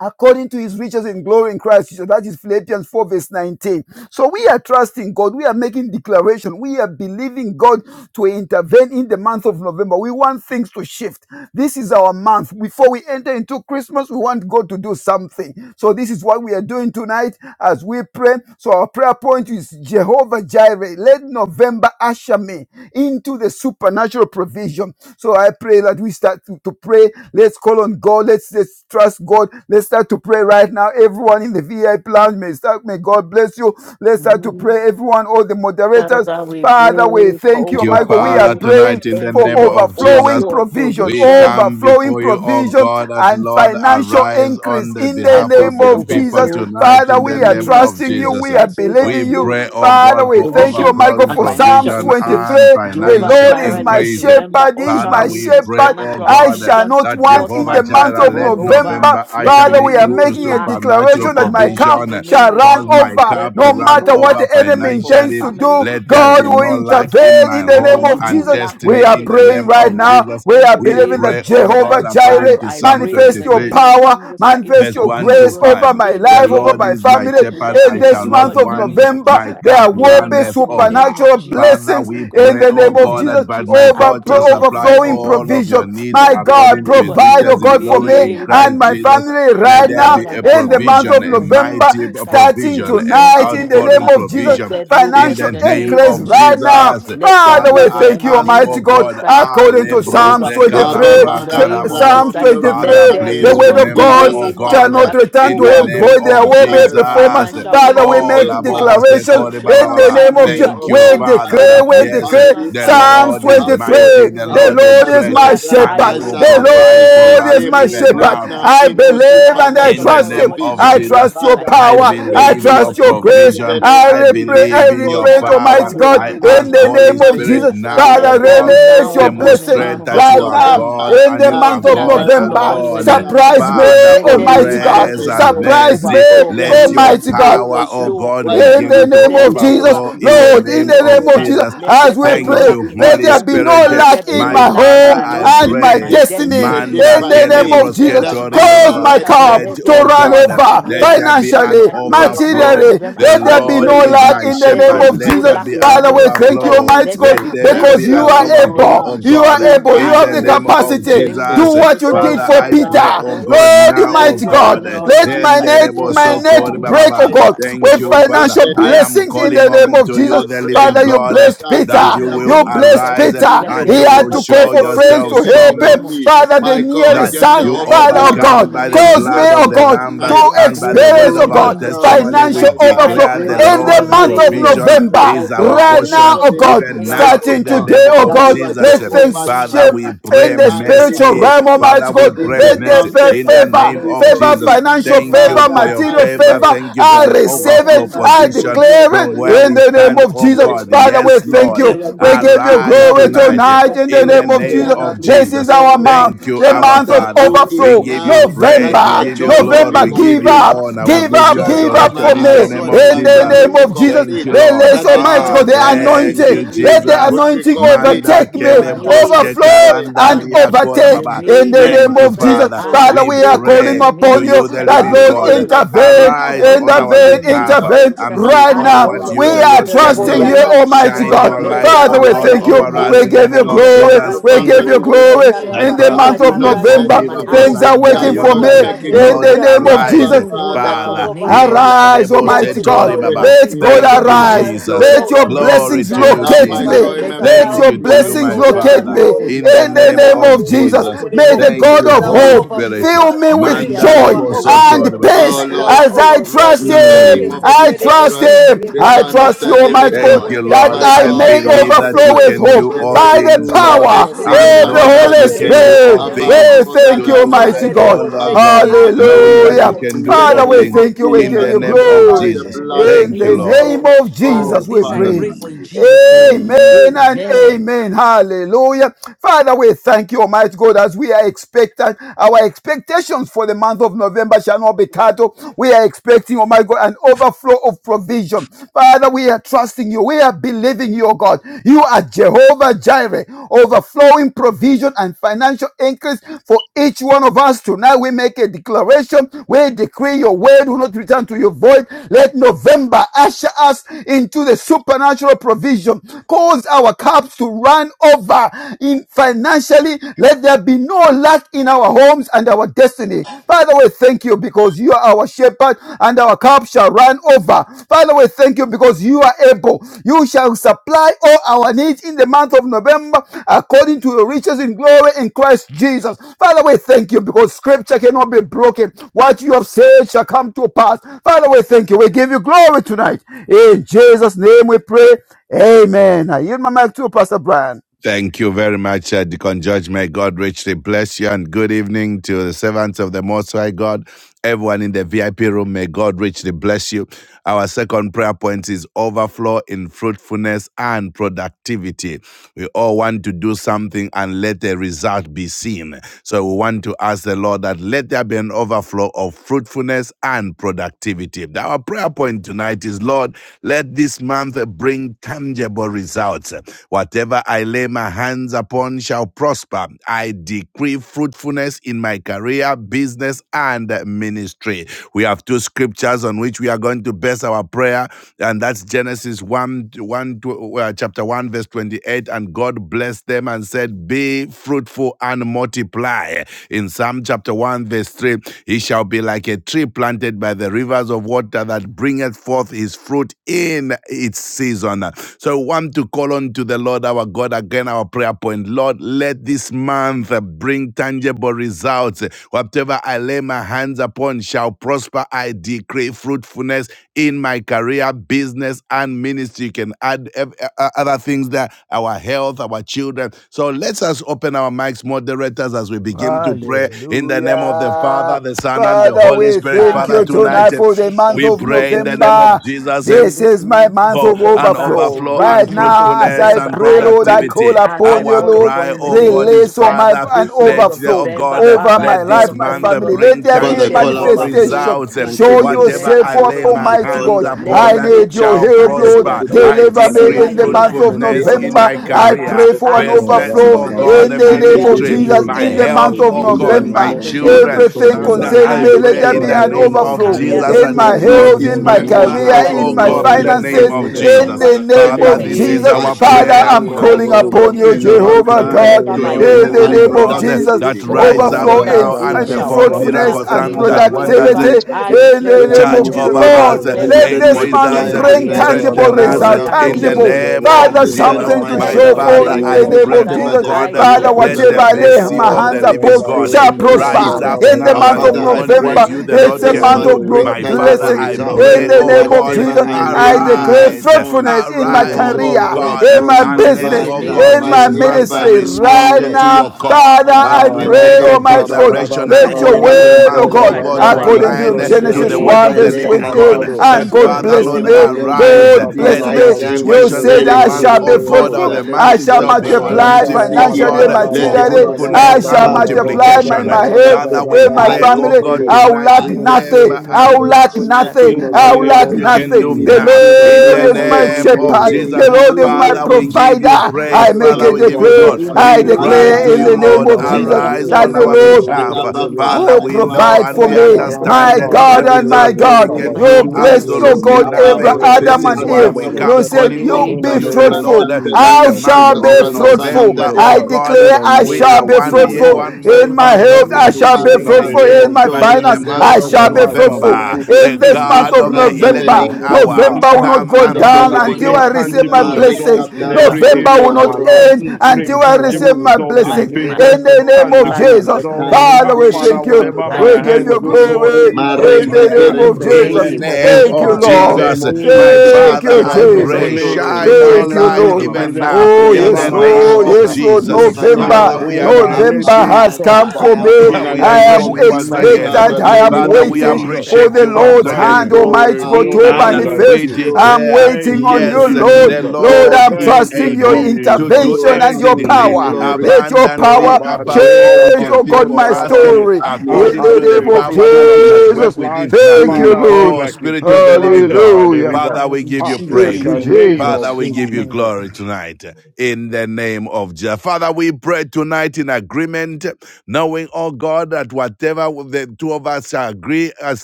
according to his riches in glory in Christ Jesus. That is Philippians 4, verse 19. So we are trusting God. We are making declaration. We are believing God to intervene in the month of November. We want things to shift. This is our month. Before we enter into Christmas, we want God to do something. So this is what we are doing tonight as we pray. So our prayer point is Jehovah Jireh. Let November usher me into the supernatural provision. So I pray that we start to, to pray. Let's Let's call on God. Let's, let's trust God. Let's start to pray right now. Everyone in the VIP lounge may start. May God bless you. Let's start to
Amen.
pray. Everyone, all the moderators.
Father, we
Father, we
pray for
thank
Thank
you,
you,
Michael. We
Father,
are
overflow.
praying
tonight in the
Thank you,
for
name
Lord, for
of Jesus.
overflowing
overflow of
provision,
We
provision.
come
overflowing
before you, O
provision
God, that
and
Lord,
financial
arise on
increase
the
in the
I
behalf
pray
name
of
for
your
of
people
Jesus.
overflow
tonight
Father,
in
in the
the
we are
name
name of
of
trusting you.
Jesus
Jesus.
We are
Christ,
We
believing you.
overflow
pray, O
Father,
God,
we
for
thank you,
provision
Michael,
overflowing
and
for
financial
Psalms
provision
23.
increase.
and
The
Jehovah
financial
Lord is
Jireh,
my
let
increase.
November
shepherd. He is is
ultra
Father,
my
meet
we
in
pray,
shepherd.
O
financial
I
God,
shall
provision.
not
that your
want
Cause
in
Jehovah
my
the
cup
month
to
Jireh,
of
let
run over.
November.
November
Let
usher
Father,
there be
me
we are
no
into
making a
lack in
supernatural
declaration that
my
my
home in
cup
provision.
the name
shall
of
run
Cause
Jesus.
my
over.
cup
Let
to
No
there be
run
no
matter what
lack
over
the
for me,
enemy
for my
intends
financially.
to
family
do,
Let
in
there
the
God
be
will
name
no
of Jesus
lack in
intervene
Christ.
my
in the
Let
name
there
home
be
of
no
and
Jesus.
lack.
destiny
We
Let
are
me
in the
praying
experience
name
no
of
right
lack
now.
Jesus.
We
in
are
the
We
believing
name of
that
pray, oh
Jesus Christ.
God,
Jehovah
according
Jireh
Father,
to
I
Psalm
pray in
manifest
the
your
23
name of
power,
Jesus Christ, even
manifest
verse
for
your
this,
1
oh
to
grace
God,
5.
over my
in the
The
life, over
name
Lord
my
of
is
Jesus
my
family.
Christ,
shepherd,
let
In
I
there
this
shall
be, oh
not
month
God, in
of
the
want,
name of
November,
Jesus
my
Christ.
cup
there
Oh
will be
Lord,
runneth
in the
over.
name of
supernatural
Jesus,
Father,
blessings
oh
we
in the
God,
pray,
in the
in
oh
name
the
of
God,
name
that
Jesus.
of
but
Jesus,
my
I I
Over,
God
pray,
shall
oh
pro-
God, in
supply
the
overflowing
name of
all
Jesus,
of
provision.
your
Christ.
needs
My
let there
God,
be,
according
oh
to his
God, in
provide, oh
the
riches in
God, for
glory
me
in
name
Christ
and
of
my
Jesus.
Jesus.
Christ.
family
May
right
My
there
now
be
Lord, as
a
I
in the
call
month
provision,
upon
of
you in
a
the name of
November,
mighty
Jesus Christ,
starting
even
provision,
this
a
month of
tonight in the name
outpouring
November,
of Jesus.
let
provision
there be, oh
in
God,
Financial
in
the
the
name
name
increase
of
of
right
Jesus.
Jesus
now.
Christ, let there
Father,
be, oh
Father,
we
God,
I
in
thank you,
the
ask,
name
Almighty
oh
of
God,
Jesus
God,
Christ.
ah,
according to
Natural
lebros
Psalms
de
overflow for
Abba,
me
23,
in
calambra
Father,
the
I
name
call
of
calabobos,
Jesus
Psalms
upon
Christ.
you
23,
right
Father,
Let
now in
there
the
be,
the
please
name
oh
of
word
God,
of
in the
remember,
God
Jesus
oh
as
name of
my
shall
God,
Jesus
eh,
not
Christ,
Father.
return
in
to
You
the
are
him
overflow
name
in
void.
of
There
Jehovah
will be a
provision,
Jireh.
performance.
Jesus.
financial
Let
Father, we
Oh,
increase,
make
la
November
bobo
overflow
se
in
uh,
declarations
kore ba
provision,
ba
in
ba
the
ba.
answer
name of
me,
Jesus.
financial
Thank
oh
We
you,
God,
increase,
Father,
answer
declare,
that
overflow
we
my
in
yes, eh,
declare
family,
provision,
the
answer
Psalms
Lord
my
financial
is
23.
increase
household,
mighty,
in
the
the
The
Lord
name
answer
of
is
my
Lord is
Jesus
great,
my
eh,
Christ.
bloodline,
and
I
He
shepherd.
pray
will
answer
The
for this, oh God,
provide for
even in
Lord
the
us
is
RCCA
my
name
even
of
right
shepherd.
this
now.
Christ.
now
I
into
Lord God,
believe
I
and I
call
In
supernatural
the
upon
trust
you, oh
name
him.
God, in
of
the
I
provision.
name
Jesus,
of
trust
this
your
Christ.
Father,
I
I
power.
Let there
pray.
I
believe
be, oh
your
trust
God, in
your
the
grace.
name
in
of
the
provision.
Jesus
name
I
Christ.
of
I
In the
Jesus.
repent, I
believe
name of
in
Jesus
your
Cause
Christ,
repent,
my
I
cup
power.
Almighty
call
to
God,
upon
in
I
you, oh
run
God,
ask
in the
the
over
Holy
name
name
of
of
Spirit
Jesus
Jesus.
Christ.
now,
financially.
oh
Let
Father,
there
I
God,
be
pray
release
now,
your
oh
in
God, in
this
the
blessings
name
demonstrate
month
of
that
of
you
right
Jesus
are
Christ.
now
November.
God
in
and
the
you
Oh
are
month
my
Even
of
as I
God
God,
call
I
November.
am
upon you in the
calling
alone.
name of
upon
Jesus,
Surprise
that
me,
you
Father
let
for
of
there be,
real
Almighty
O
God.
God, in
grace
the
and
name of
manifestation,
Surprise
mercy,
me,
for
overflow of
let
genuine
your
provision,
Almighty God.
power, oh
manifestation.
overflow of
God,
What you
In
provision.
the
begin
did
to
for
name
Let
of
there be
Peter, you
Jesus,
overflow
can do
in
overflow in
the
the
Lord,
also
in
name
name
the
for
of
of
me
name
Jesus.
of
that
right
Jesus,
Jesus.
now.
Let
as
there be
we
I
no
pray,
Thank
launch
lack
you,
in my
into
let
Holy
there
the
be
home.
deep
no
Spirit.
by
Let there
lack
be
in
no
My
prayer.
my
lack in
Father,
I
home
my
I
launch
home,
and
into
in
my
my
pray.
deep into
destiny.
the
destiny,
deep
Manda
in
In
by
the
this
kele
month
name
faith.
of
of Jesus,
November,
The
in the
brosketori
name
cause
of
Father,
bababa.
Jesus.
my
right
Christ.
now.
cup
Let,
Let
to
there
oh
be
run
no
God,
lack in the
over
let
Let
name
my
there
of
be
cup
Jesus.
an
financially,
Christ.
run over,
This
oh
month of
overflow.
materially.
God.
November, I
The
Let
speak
I
there be
into
Lord
no
pray,
is
Father,
November.
lack
my
in the
Let
name
there
shepherd.
cause
be
of
my
no
Let there
Jesus.
cup
lack
be
to
in the
an
run
Father, we
name of
over
Jesus.
thank you,
Christ.
overflow.
Almighty
Let
God,
there
Let
financially.
be
there
Let
be
because
plenty, O
you
there
an
God,
are
be
in the
no
name
overflow,
of
oh
able.
lack
You
Jesus.
are
God.
in
able.
my
You
In
I
have
the
the
home
pray
name
for this in
and
of
the
capacity.
name of
destiny.
Jesus,
Do what
Jesus
you
Christ,
Oh,
did
Father,
my
for
I
Lord and
Father,
Peter.
pray,
my
I
oh
God.
God,
pray,
Lord,
I
now,
let
oh
pray
Almighty
God,
there
in
God.
be
God,
the name
no
of
Let
lack
Jesus
my
Christ, even
net,
for
in
my
my
this in the
net
Hendelebosokori
home
name of
and
break,
bababa.
oh
my
Jesus
God,
Christ.
thank
with
destiny.
you,
God,
In
Father.
financial
you
the
I
name
know,
of
am
blessings in
Jesus,
calling
the name
on
of
to you,
I
the
Jesus.
pray,
living
Father,
Abba
you
God
blessed
I
Father,
pray
that
Peter.
I
you
in the
have
will
You
put
name of Jesus
my
blessed
Christ for
trust
arise
this.
Peter.
in
Let
and
there
you
He
you
be O
had
will
God
that
to call
my
show
for
God, you
friends
yourself
to
cannot
In the
help
fail
strong.
him.
name of
me.
Jesus
Father,
Christ.
the
My God,
Father,
nearest
That
your
son,
Lord,
you
I
Jehovah
Father,
pray,
oh
God,
Jireh,
God,
overcome
in the
by the
name
prove
cause
of
me,
blood
Jesus
of
oh
the
Christ.
yourself
God,
in
Lamb
my
to
Father, I
and
life.
pray,
by
oh
the
God,
word
experience,
in
Prove
oh
of
the
our
God,
name of
yourself
testimony.
Jesus
in
financial
We
Christ.
my life.
I
overflow
declare
pray,
the
My
God,
in
in
the
the
God,
Lord's
I
month of
name
pray
of
provision
Jesus
that
November.
Christ.
is
you
our
prove
I
Right
pray,
now,
portion,
yourself
God,
oh
in
in the
God,
my
even
name
life,
of
now
oh
Jesus
in
starting
the
Christ.
God,
today,
Let
name
oh
there
of
that
be
God,
you
open
are
Jesus.
let
in the
things
Jehovah
name of
Father,
Jesus
shift
we
Jireh,
Christ.
in
pray
the
the
Let there
mighty
spiritual
overflow
mercy.
realm,
from
provider.
me
Father,
Almighty
we
God.
in the
In
pray
the
Let
name
the
of
mercy
Jesus
mountain
in
Christ.
there
the
shall
name
favor,
Let
be
of
there be
favor,
Jesus.
open in
provision.
the
financial
name of
Thank you
favor,
Jesus
for
Father,
Christ.
your
In the
I
material
name of Jesus
favor.
pray
favor.
Christ.
Thank you for
I
right
the
now,
Tonight,
receive it.
oh
overflow
whatever
God,
I
it
In the
will
position
name
take
of
declare
from
it
for
Jesus
where
you,
in
Christ,
we
oh
the
God,
name
Father,
stand,
of
I
oh
to
pray,
Jesus.
God.
God,
Father,
and
establish
we
I
Yes,
this
call
thank
Lord.
you.
upon you,
We
miracle
God,
give you
to
in the
Arise
glory
establish
name of
this
tonight
Jesus Christ.
tonight in the
in
breakthrough,
the
name
Lord
of
to
God,
name
that
Jesus.
you
of
do
establish
this
This
this
is
Jesus.
for me in
our
the
turnaround.
month,
name
Thank
of
you,
the
Jesus.
Abba
month of
Father,
Father.
In
do it
this
We
overflow.
moment,
give you
now
oh God, let
praise.
that
We
my
there
give
November,
be
you
joy may
glory.
be
November,
We
overflow,
give
give
you
complete,
up,
divine
honor. We
that
give
the
give
overflow,
up,
you
joy
give
of
up
my
adoration
for me
in the
financial
name
household and
of
increase
my
in
in the
the
Jesus.
family will
name
be
name
of
of
Jesus.
Jesus.
Thank you,
complete,
Lord.
Release
that
grace,
the
Almighty
Financial
joy
Ah,
God,
of
the
increase from you,
thank
anointing.
you,
God, in the
RCCE
Let the
name
Jesus.
of
would be
Jesus.
anointing
complete.
Let there
Manda
overtake
be
me,
in the
kele
Father,
name
I
broske
of
overflow
Jesus.
pray,
and
kalandaria
Financial
kora
in the
overtake
baba.
in
name
the
of
hear
name
Thank
my
Jesus
you,
of
Christ.
prayer,
Father.
Jesus.
O
As
Father,
I
We
we
pray,
are
God,
God.
in
calling
pray
the name
to
upon
of
you
you,
Jesus
the
Christ,
that,
let
living
I'm
there
Lord,
be, oh
God.
calling
God,
upon
financial
you,
intervene,
Arise
Abba
on
increase
our
Father,
in the
intervene,
name
behalf
of
knowing
Jesus
that,
intervene
and
Christ.
my
do
right
I
only
God,
now.
you
call
what
are
We
you, the
upon you,
are
faithful,
Lord,
God, in
can
Terebo
the
trusting
do.
knowing
you,
name
that,
of
yakase
my
Jesus
Almighty
Christ.
Shine
God, you
God.
terebo
are
your
not
Let
a
light,
there
Father,
O
be,
man
oh
we
shetaraba
that
God,
God,
you
thank
in the
you.
should
over
yakase
lie,
us
We
in
name
the
give
of
you
terebo
name
Jesus
of
nor
Christ
the
glory.
Son
Jesus.
of
We
yakase
Man
give
Mm
that
you
overflow
you
terebo
of
should
glory
repent.
provision.
that
in
shetaraba
the
Let
Have
Father
there
month
be
you
of
no
yakaka
not said
lack
perform
in
November.
kase
it,
my
O
miracle
God?
terebo.
Things
houses
are
signs
Shall
and
working
Judge
you
of
this
for me
all
not
wonders.
month of
make it
judges,
in
Lord,
good?
November.
the
you have
name
Let
of
us
decided
arise,
Abba
Jesus.
know
this is
no
the
lack
month
in
of
the
Father.
Father,
name
mm,
of
overflow,
In
Jesus.
the
Christ.
and
Arise,
we
Let
walk
Almighty
us
in
God.
want
setori,
do
for
it
Baba.
overflow.
for
nothing,
Let
me,
oh
O
When
God.
God
God,
Thank
in
God
the
you,
arise.
name of
commands,
Do
Jesus
Jesus.
it
no
Let
Christ.
for
your
one
me, O
can,
Every
God,
Glory
blessings
to
desire as
you,
it
that
Almighty
locate
my
comes, oh
Jesus.
me.
Father,
God,
joy may
let it
be
be
Let
disallow
Thank
your
you to
complete,
what
you,
the
provision,
O
blessings
my
Lord
God.
oh
has
God,
locate
Father.
me.
even
allowed.
for
Oh,
the
In the
In
for,
the
name
Yakase
for,
Father,
of
name
for
of
the
terebo
Jesus,
I
Jesus.
for the
may
pray.
sheterebo.
the
need, oh
This
Thank
God,
God
you,
is
in
of
the
our
Holy
name
hope
Amen.
of
overflow
Jesus
Spirit.
fill
month.
Christ.
me
Lord,
This
with
Thank
there
Manda
be
is
you,
open
joy
our
lebo
oh,
Jesus.
in the
overflow.
name
and
sotori,
of
Baba.
Jesus
This
Oh,
peace
Christ,
is
Lord,
our
as
overflow, oh
I
God,
overflow.
right
trust
in
now in
the
the name
Yeke
Mm.
Him.
name
of
of
se
I
just
Jesus
terebo
trust
she
every
Christ,
Him.
need,
the
terebo.
even
I
in
Son of
trust
this
Yaka
you,
the
month
se
of
Almighty
living
Thank
God,
God.
terebo
November.
you,
she
that
Lord.
My
Let
I
I
terebo.
there be
God,
may
you are
believe
Yaka
provision,
that
se
overflow
able,
you
divine
with
can
terebo
hope
do
provision,
she
all
able
by
divine
to
terebo.
the
things,
provision
do
Lord.
Yaka
power
for
of
se
which in
I
the
exceeding and
the
name
know
terebo
of
Holy
she
that
Jesus,
Spirit
you
let
can
abundantly
there
terebo
be
do
she
spirit.
all
We
financial
above
terebo.
things.
provision
all that
thank
To
Yaka
you,
you
I
in
se
the
ask,
mighty
I
name
God.
of
call,
terebo she
Lord
Jesus.
above
Oh,
all
God,
I
terebo
that I
she
pray in
knowing
think,
the
that you
name
Hallelujah.
terebo.
of
can
Jesus,
in
do
the
all
Father,
even
Yeke
we
this
name
things
morning.
se
of
thank you. We
in
Let
terebo
give
Jesus,
there
the
you
be
she
name of
divine
by
glory.
the
provision,
Jesus.
oh God, in
blood
the
of
In
Thank you,
name
the
of
Jesus.
Lord.
Jesus.
terebo.
name of
Father,
Jesus,
Oh,
we
this I
Father,
pray.
pray for
thank
Mm.
in
you.
Jesus' name.
Amen and
Amen.
amen. Hallelujah. Father, we thank you, Almighty God, as we are expectant. Our expectations for the month of November shall not be cut off. We are expecting, Almighty God, an overflow of provision. Father, we are trusting you. We are believing you, oh God. You are Jehovah Jireh, overflowing provision and financial increase for each one of us. Tonight we make a declaration. We decree your word will not return to your void. Let November usher us into the supernatural provision. Cause our cups to run over in financially. Let there be no lack in our homes and our destiny. Father. Father, we thank you because you are our shepherd and our cup shall run over. Father, we thank you because you are able. You shall supply all our needs in the month of November according to your riches in glory in Christ Jesus. Father, we thank you because scripture cannot be broken. What you have said shall come to pass. Father, we thank you. We give you glory tonight. In Jesus' name we pray. Amen. I yield my mic to Pastor Brian.
Thank you very much, uh, Deacon Judge. May God richly bless you and good evening to the servants of the Most High God. Everyone in the VIP room, may God richly bless you. Our second prayer point is overflow in fruitfulness and productivity. We all want to do something and let the result be seen. So we want to ask the Lord that let there be an overflow of fruitfulness and productivity. Our prayer point tonight is, Lord, let this month bring tangible results gods. Whatever I lay my hands upon shall prosper. I decree fruitfulness in my career, business, and ministry. We have two scriptures on which we are going to base our prayer, and that's Genesis 1, 1 two, uh, chapter 1, verse 28. And God blessed them and said, Be fruitful and multiply. In Psalm chapter 1, verse 3, he shall be like a tree planted by the rivers of water that bringeth forth his fruit in its season Hosanna. So we want to call on to the Lord our God again, our prayer point. Lord, let this month uh, bring tangible results. Whatever I lay my hands upon shall prosper. I decree fruitfulness in my career, business, and ministry. You can add uh, uh, other things there, our health, our children. So let's open our mics, moderators, as we begin to pray in the
Hallelujah.
name of the Father, the Son, and the
Father,
Holy
we
Spirit.
thank
Father,
Father,
I
you
believe
tonight
tonight uh,
in
for
the
the month
same of
we
of
pray in the name of
November.
tonight.
Jesus. eh,
In
This
this
is my
month of
month
for
of
an
November,
overflow.
overflow
this
Right
and
month of
now, as
fruitfulness
I
and
November,
pray,
I
Lord, I
pray
call
productivity.
as I
upon you,
Our
call
Lord,
upon you
cry,
in the
oh
name
God,
of
is
Jesus
release on
Christ.
my God,
Father,
an
This
let,
month of
overflow
oh
November,
God,
over
Father, I
my
let
call
this
life, my
upon you,
month
family.
God.
Let
bring
there
Father,
Let
be a
I
there
call
be
tangible
upon you, the
overflow
manifestation.
results.
in
covenant
Show
keeping
Whatever
fruitfulness
God,
and
yourself
I
up,
lay
that
my
my
Almighty
productivity.
God,
hands
you
God.
are more
Let
upon
than
I
this month
need
able,
your
bring
shall
help,
tangible
Lord.
able
prosper.
to do
results.
I
Deliver
Whatever
me
decree
exceeding
I
in the
and
lay my
month of
hands
abundantly
fruitfulness
upon,
in
let
above
it
November.
my
that I
I
prosper.
career
ask,
pray
oh
for
I
an
God.
declare
business,
And
overflow
oh
in
Father,
fruitfulness
the
I
God,
in
and
in
can
the name
career,
of
believe
ministry,
in
in
Jesus
you
my
right
in the
business,
now.
health,
month
in
of
oh
In the
God,
ministry,
name
my
November.
in the
of
name
Jesus
children.
of
Christ,
Everything
the
Jesus.
Thunder,
Son of
concerning
the
I
I
me, let
pray
living
declare
there
In
in
God.
be
the
the
an
fruitfulness
name
name
in
of
of
overflow
Oh,
career,
Jesus.
Jesus,
in
And
in
in
Father,
my
the
business,
peace
Lord,
in
health,
name
the
is
in
of
my
my
name of
ov-
remember
career,
Jesus
Jesus,
us,
Christ.
in
in
the
oh
my
overflow
God,
Even
in
name
in
the
this
of
name
finances,
month
of
of
Jesus,
fruitfulness and
in
Jesus.
November,
the
in
name
the
in
Father,
of
the
productivity.
this is
name
name
Jesus.
of
of
I
our
pray,
Jesus
Father,
Christ.
Jesus, in
prayer.
Father,
I'm
the
for
I
and
calling
name
pray, oh
of
overflow
God,
upon
in
you,
This
the
is
in
name
our
Jesus,
of
Jehovah
in the
cry
fruitfulness,
God,
oh
whatever
to
name
I
of
God,
you,
lay
the
in
my
the
Jesus,
and
hands
living
name of
God,
upon
Jesus
that
this
productivity.
month
Oh,
of
rise
la,
And
up
overflow
bla,
uh,
November,
la,
in,
now
God,
la, la,
it
and
I,
la,
in
shall
my
la,
perform
la, la,
God,
la,
prosper.
fruitfulness
miracles,
la,
and
and
la,
It
signs,
shall
Father,
and
la,
I
la.
productivity
prosper.
wonders.
believe what
I
you have
in
declare
the
declared
name
in
Judge
of
your
fruitfulness.
Father,
Jesus.
word.
over
send
I
Lord,
us,
it
uh,
declare
And
away.
you
let
said,
this
fruitfulness
increase
in
man
multiply
us, uh,
Oh,
and
bring
in
career,
the
replenish,
la, la,
in
tangible
strengthen
have
la,
you
us
and
uh,
business,
result,
yes,
have
and
in
in the
the
la,
tangible,
ministry.
dominion.
la,
name
la,
I
of
And
Father,
you
speak,
declare
la,
said,
Jesus.
la,
something to
la,
Almighty
My
fruitfulness
God,
la,
I
in
show
the
shall
la,
be
for
la,
Father,
in
like
la,
a
name
I
the
la.
of
tree
name
pray,
of
planted
Jesus.
oh
by the
Jesus.
I
God, uh,
rivers
Father,
of
Yes,
declare
in
water
let the
whatever
the
fruitfulness,
I
that
oh
speak,
bringeth
God,
lay
la,
in
mercy
the
my
la,
forth
of
la,
the
hands
name of
yeah,
its
living
la,
Jesus.
upon
God
fruit
la,
uh,
shall
in
yes,
due
I
la, la,
rise
prosper.
season.
pray.
la,
up
la,
In the
la,
now
la,
And
month
and
la,
of
Father,
do
la.
I
only
In the
what
pray,
November,
you,
name
the
of
let
it's
Lord,
a
Jesus
this
Christ.
can
month
month
do.
of
Oh,
mm,
bl-
bring
yes,
My Father,
tangible
blessings
Lord,
I
in
name,
the
results.
in
pray,
the
name
oh
name
of
of
God,
Whatever
Jesus,
I lay
I
my
declare
Jesus.
hands
arise, uh,
on
fruitfulness in my
In the
arise,
upon
oh
career,
name of
shall
God, uh,
in my
prosper.
and let,
In
Jesus.
business,
the
oh
In
name
Father,
of
the
God,
in
this
my
Jesus
name
Christ.
of
month I
whatever
ministry
I
right
Jesus.
responded
lay
to
now.
my
your
hands
call.
Father,
In
on,
As
oh
as
I
we
God, let
pray,
make a
it
Almighty God.
the
prosper.
declaration and
I
Let
In the
your
lay
order
my
the
name
word,
of
hands
oh
month,
on
Jesus
oh
God,
Nick,
Christ.
God, to
Father,
let
I
Nick
pray,
according to
align
God, in the
to
prosper.
Genesis
the
name
word
of
1,
of
I
the
verse
Jesus
lay
living
Christ.
hands
28,
God.
Even
on
for
and
That
this, oh
Beckett
God,
God
in the
Father,
and
name
blessed
of
Lord,
M and
me,
Jesus
MP
arise.
and
God
P
blessed
Let
Light
me.
the
Shine,
You
situations in
let
said,
the
I
it
month,
shall be
oh
prosper.
fruitful
God, or
grateful.
Better,
the
let
month
I
it
shall
in
itself be
prosper.
Jesus
multiply
Christ.
conducive,
Pray
oh
for
RCCE,
financially,
God
God,
for
let
the
for
it
materially.
activity
prosper.
fruitfulness
I
in the
and
shall
name
Father,
of
what
multiply
Jesus
my,
multiplication.
Christ.
Almighty
my
God, I
health,
Father,
pray.
we
in my
I
pray, oh
family.
God,
decree,
I will
tonight,
for The
lack
I
nothing.
productivity
decree
remember
in the
us
I will
name of
lack
Jesus
now.
fruitfulness
Christ.
nothing.
in
Do
Father,
my
I
only
will
name
what
lack
of
you
career,
In
can
the
Jesus,
nothing.
do
The
name of
now.
business,
in
and
Jesus
the
In
Christ.
the
Lord is my
ministry.
Pray
name
that
of
shepherd.
name
In
Beginning
Jesus,
The
the
Lord
now
is
in
my
the
Father,
name of
we
name
Jesus
of
give
provider.
you
Jesus Christ,
praise.
I
the
make
Son
Father,
a
of
solution
we give
the
you
decree.
Living
glory.
in
God.
the
I
We
My
name
cry
of
declare
to
in
Father,
you,
the
Jesus.
I
Christ,
name
Lord,
of
pray
Jesus
of
arise
Overflowing
that
on
the
our
fruitfulness
Lord
and
behalf.
Jesus,
Adaba,
productivity.
Father,
Oh,
Father,
we
you
All
are
know
of
provide
and
more
In
for
them,
we
than
you got
me,
able,
influence in the
understand
my
the
name
able
God
that
of
to
and
Jesus.
do
my
Christ.
without you, we
God.
can
exceeding
Father,
and
do
You
in the name of
blessed,
abundantly,
oh
Jesus.
absolutely
God,
above
May
Abraham,
nothing.
all
there
that
be
This
Adam
an
I
is
and
ask,
why
Eve.
we
above all
overflow
Lord
come
in
that
the
I
said,
calling
think.
You
on
name
to
of
be
you,
Jesus.
the
name
Wrap
of
Christ.
Lord,
fruitful.
them in the
that
Jesus
name
the
I
of
Christ, in
month
shall
the
Jesus
be
of
Christ,
name
the
of
Son of
fruitful.
the
November,
Jesus
oh
I
Living
Christ,
God.
in
declare,
God,
the
I
we
Abba,
name
shall
are
be
of
I
one
Father,
Jesus
year,
pray
fruitful
I
Christ.
for
one
this, oh
in
pray.
God,
month
my
in
I
the
away
shall
health.
be
name
My
I
from
of
shall be
fruitful in
finishing
the
Jesus.
the
Father,
fruitful
name
year,
in
of
my
show
but in the
finance.
Jesus.
yourself
month
God,
I
in
of
the name
shall
of
be
strong
I shall be
on
fruitful
November,
my
fruitful
the
in
behalf.
this
in this
month
God
of
of the
Wrap
month
them in
of
the
November.
11th
name of
hour,
Jesus
November.
November
this
will
Christ,
Ah,
month
the
not
of
come
go
Son
and
of the
November,
do
down
Father,
Living
only
until
let
bring
I
what
God.
let
you,
receive
the
it
my
tangible
Lord,
give you
can
Marika
blessings.
results
do.
in
Tara
every
Father,
overflow
November
area
will
of
Brokoto
shine
not
my
your,
Robo.
life.
and
end
it
Hmm.
will
Bring
until
shine
I
your
result.
receive
tangible
light.
my
results
Whatever I
In
I
in
blessings.
lay
pray,
my
the
business,
In
hands
name
Abba
the
on,
of
name
Father,
of
tangible
prosper
Jesus.
Jesus,
the
in
results.
the
time
this
has
Father,
name
Ah,
of
we
come
Father,
is
thank
Jesus.
you.
and
our
the
whatever
I
We
my
time
pray
cry.
give
is
for
hands,
you
oh
this
now.
This
open
God,
glory
is our
and
in
touches to
repeatable
the
do,
name
prayer.
Marekatere
in
of
the
let
In the
Jesus.
it
name of
name
brokosikatara
Thank you,
prosper
of
Jesus.
in the
In
Lord.
the
brokotoraba.
name
Jesus,
of
name
my
of
Jesus.
Thank
Jesus.
Father,
you,
In
Sikatara
I
In the
Jesus.
pray,
name
brokotoro
academics,
of
in
shine
Jesus.
your
Thank you,
light
finances,
Thank you,
Lord.
in
my
brokosatarababa.
even
business,
Father,
now
for
Oh,
in
the
whatever
yes,
the
name
my
of
name
hand
Lord.
Jesus.
of
Riababababara
Yes,
touches
Christ.
to
Lord.
do,
Jesus.
Yes,
Father,
Lord,
brokosatarababa.
in
November.
we
the
are
Jehovah,
name of
grateful.
let
Abba
November
Jesus.
it
has come
Father,
prosper
I
for
am
me.
In
in
Father,
the
the
calling
we
name
are
I
of
name
am
upon
of
grateful
you,
Jesus
once
the
Christ, oh
Jesus,
again.
in
God,
expectant.
the
in
I
the
covenant
am
name
Father,
of
keeping
name
we
of
waiting
God.
Jesus
Jesus.
for
The
appreciate
the
Christ.
you
Almighty
once
Lord's
Father,
hand,
again.
God,
show
there
Almighty
is
up
God,
In
no
to
the
now.
one
Father,
name
like
of
we
manifest.
you.
Jesus,
Show
I'm
up,
declare,
waiting
Thank
King
on
look
you,
at
you,
yes,
the
Jesus.
Lord.
name
the
of
Jesus.
Jesus,
Lord,
Show
Lord
I'm
up,
is
Thank
King
trusting
of
you,
your
able
Kings.
to
Jesus.
do
intervention
Show
and
Thank
up,
your
you,
King
exceedingly
of
power.
Glory.
Jesus.
Let your
Show
Ah,
abundantly
power
up,
above
Lord of
all we
bareka
change,
Lords.
can
oh God,
think or
bazonda
My
my
ask,
God, the
rabaye.
story. In
time is
Ah,
now.
I
according to
will
the
the
be
Mm.
name of
power
fruitful
that
and
is at work
Jesus.
multiply.
within us.
Thank
Father,
you,
Mm.
I'll be
Lord.
Oh,
like a
Spirit
tree
of the living
planted
God,
by the
Hallelujah.
I
river.
Father,
love
we
you, in
give
Ah,
you
Thank
in
Jesus'
praise.
you,
the
name.
name
Father,
of
Jesus.
we give you
Amen.
Jesus.
glory tonight in the name of Jesus. Father, we pray tonight in agreement, knowing, oh God, that whatever the two of us shall agree as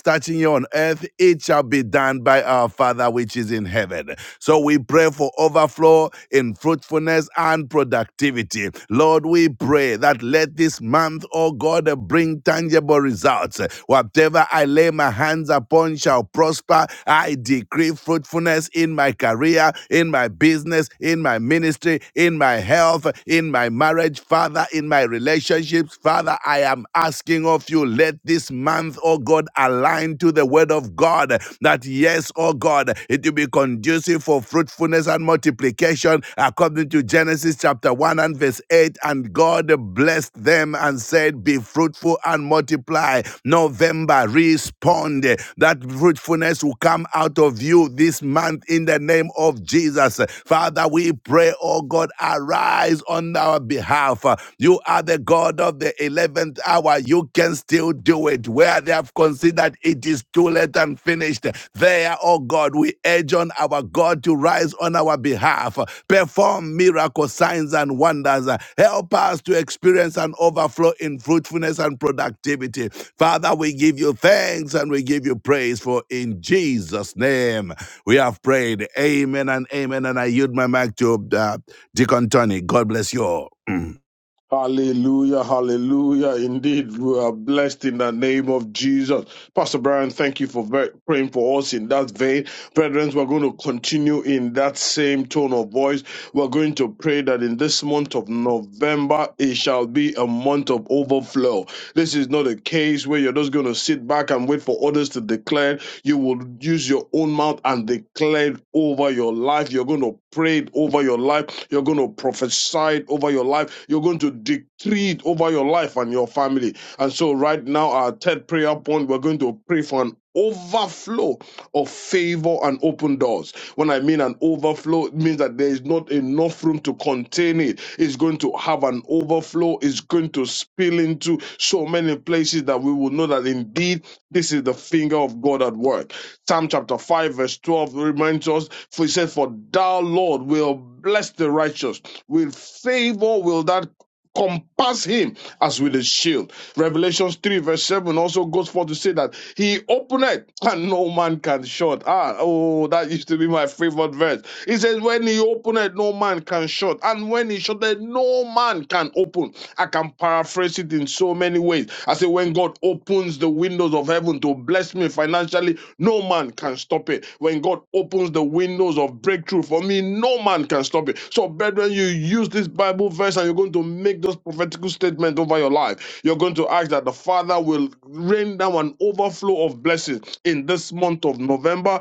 touching you on earth, it shall be done by our Father which is in heaven. So we pray for overflow in fruitfulness and productivity. Lord, we pray that let this month, oh God, bring tangible results. Whatever I lay my hands upon shall prosper. I decree fruitfulness in my career, in my business, in my ministry, in my health, in my marriage, Father, in my relationships. Father, I am asking of you, let this month, oh God, align to the word of God. That yes, oh God, it will be conducive for fruitfulness and multiplication according to Genesis chapter 1 and verse 8. And God blessed them and said, Be fruitful and multiply. November, respond abound. That fruitfulness will come out of you this month in the name of Jesus. Father, we pray, oh God, arise on our behalf. You are the God of the 11th hour. You can still do it. Where they have considered it is too late and finished, there, oh God, we urge on our God to rise on our behalf. Perform miracle signs and wonders. Help us to experience an overflow in fruitfulness and productivity. Father, we give you thanks and we give you praise for in Jesus' name we have prayed. Amen and amen. And I yield my mic to uh, Deacon Tony. God bless you all. Mm.
Hallelujah, hallelujah. Indeed, we are blessed in the name of Jesus. Pastor Brian, thank you for ve- praying for us in that vein. Brethren, we're going to continue in that same tone of voice. We're going to pray that in this month of November, it shall be a month of overflow. This is not a case where you're just going to sit back and wait for others to declare you will use your own mouth and declare it over your life. You're going to pray it over your life. You're going to prophesy it over your life. You're going to decree it over your life and your family. And so, right now, our third prayer point, we're going to pray for an overflow favor and open doors. When I mean an overflow, it means that there is not enough room to contain it. It's going to have an overflow, it's going to spill into so many places that we will know that indeed this is the finger of God at work. Psalm chapter 5, verse 12 reminds us, for he said, For thou, Lord, will bless the righteous. With favor will that compass him as with a shield. Revelations 3, verse 7 also goes forth to say that he openeth and no man can shut. Ah, oh, that used to be my favorite verse. He says, When he openeth, no man can shut. And when he shutteth, no man can open. I can paraphrase it in so many ways. I say, When God opens, opens the windows of heaven to bless me financially, no man can stop it. When God opens the windows of breakthrough for me, no man can stop it. So, brethren, you use this Bible verse and you're going to make those prophetical statements over your life. You're going to ask that the Father will rain down an overflow of blessings in this month of November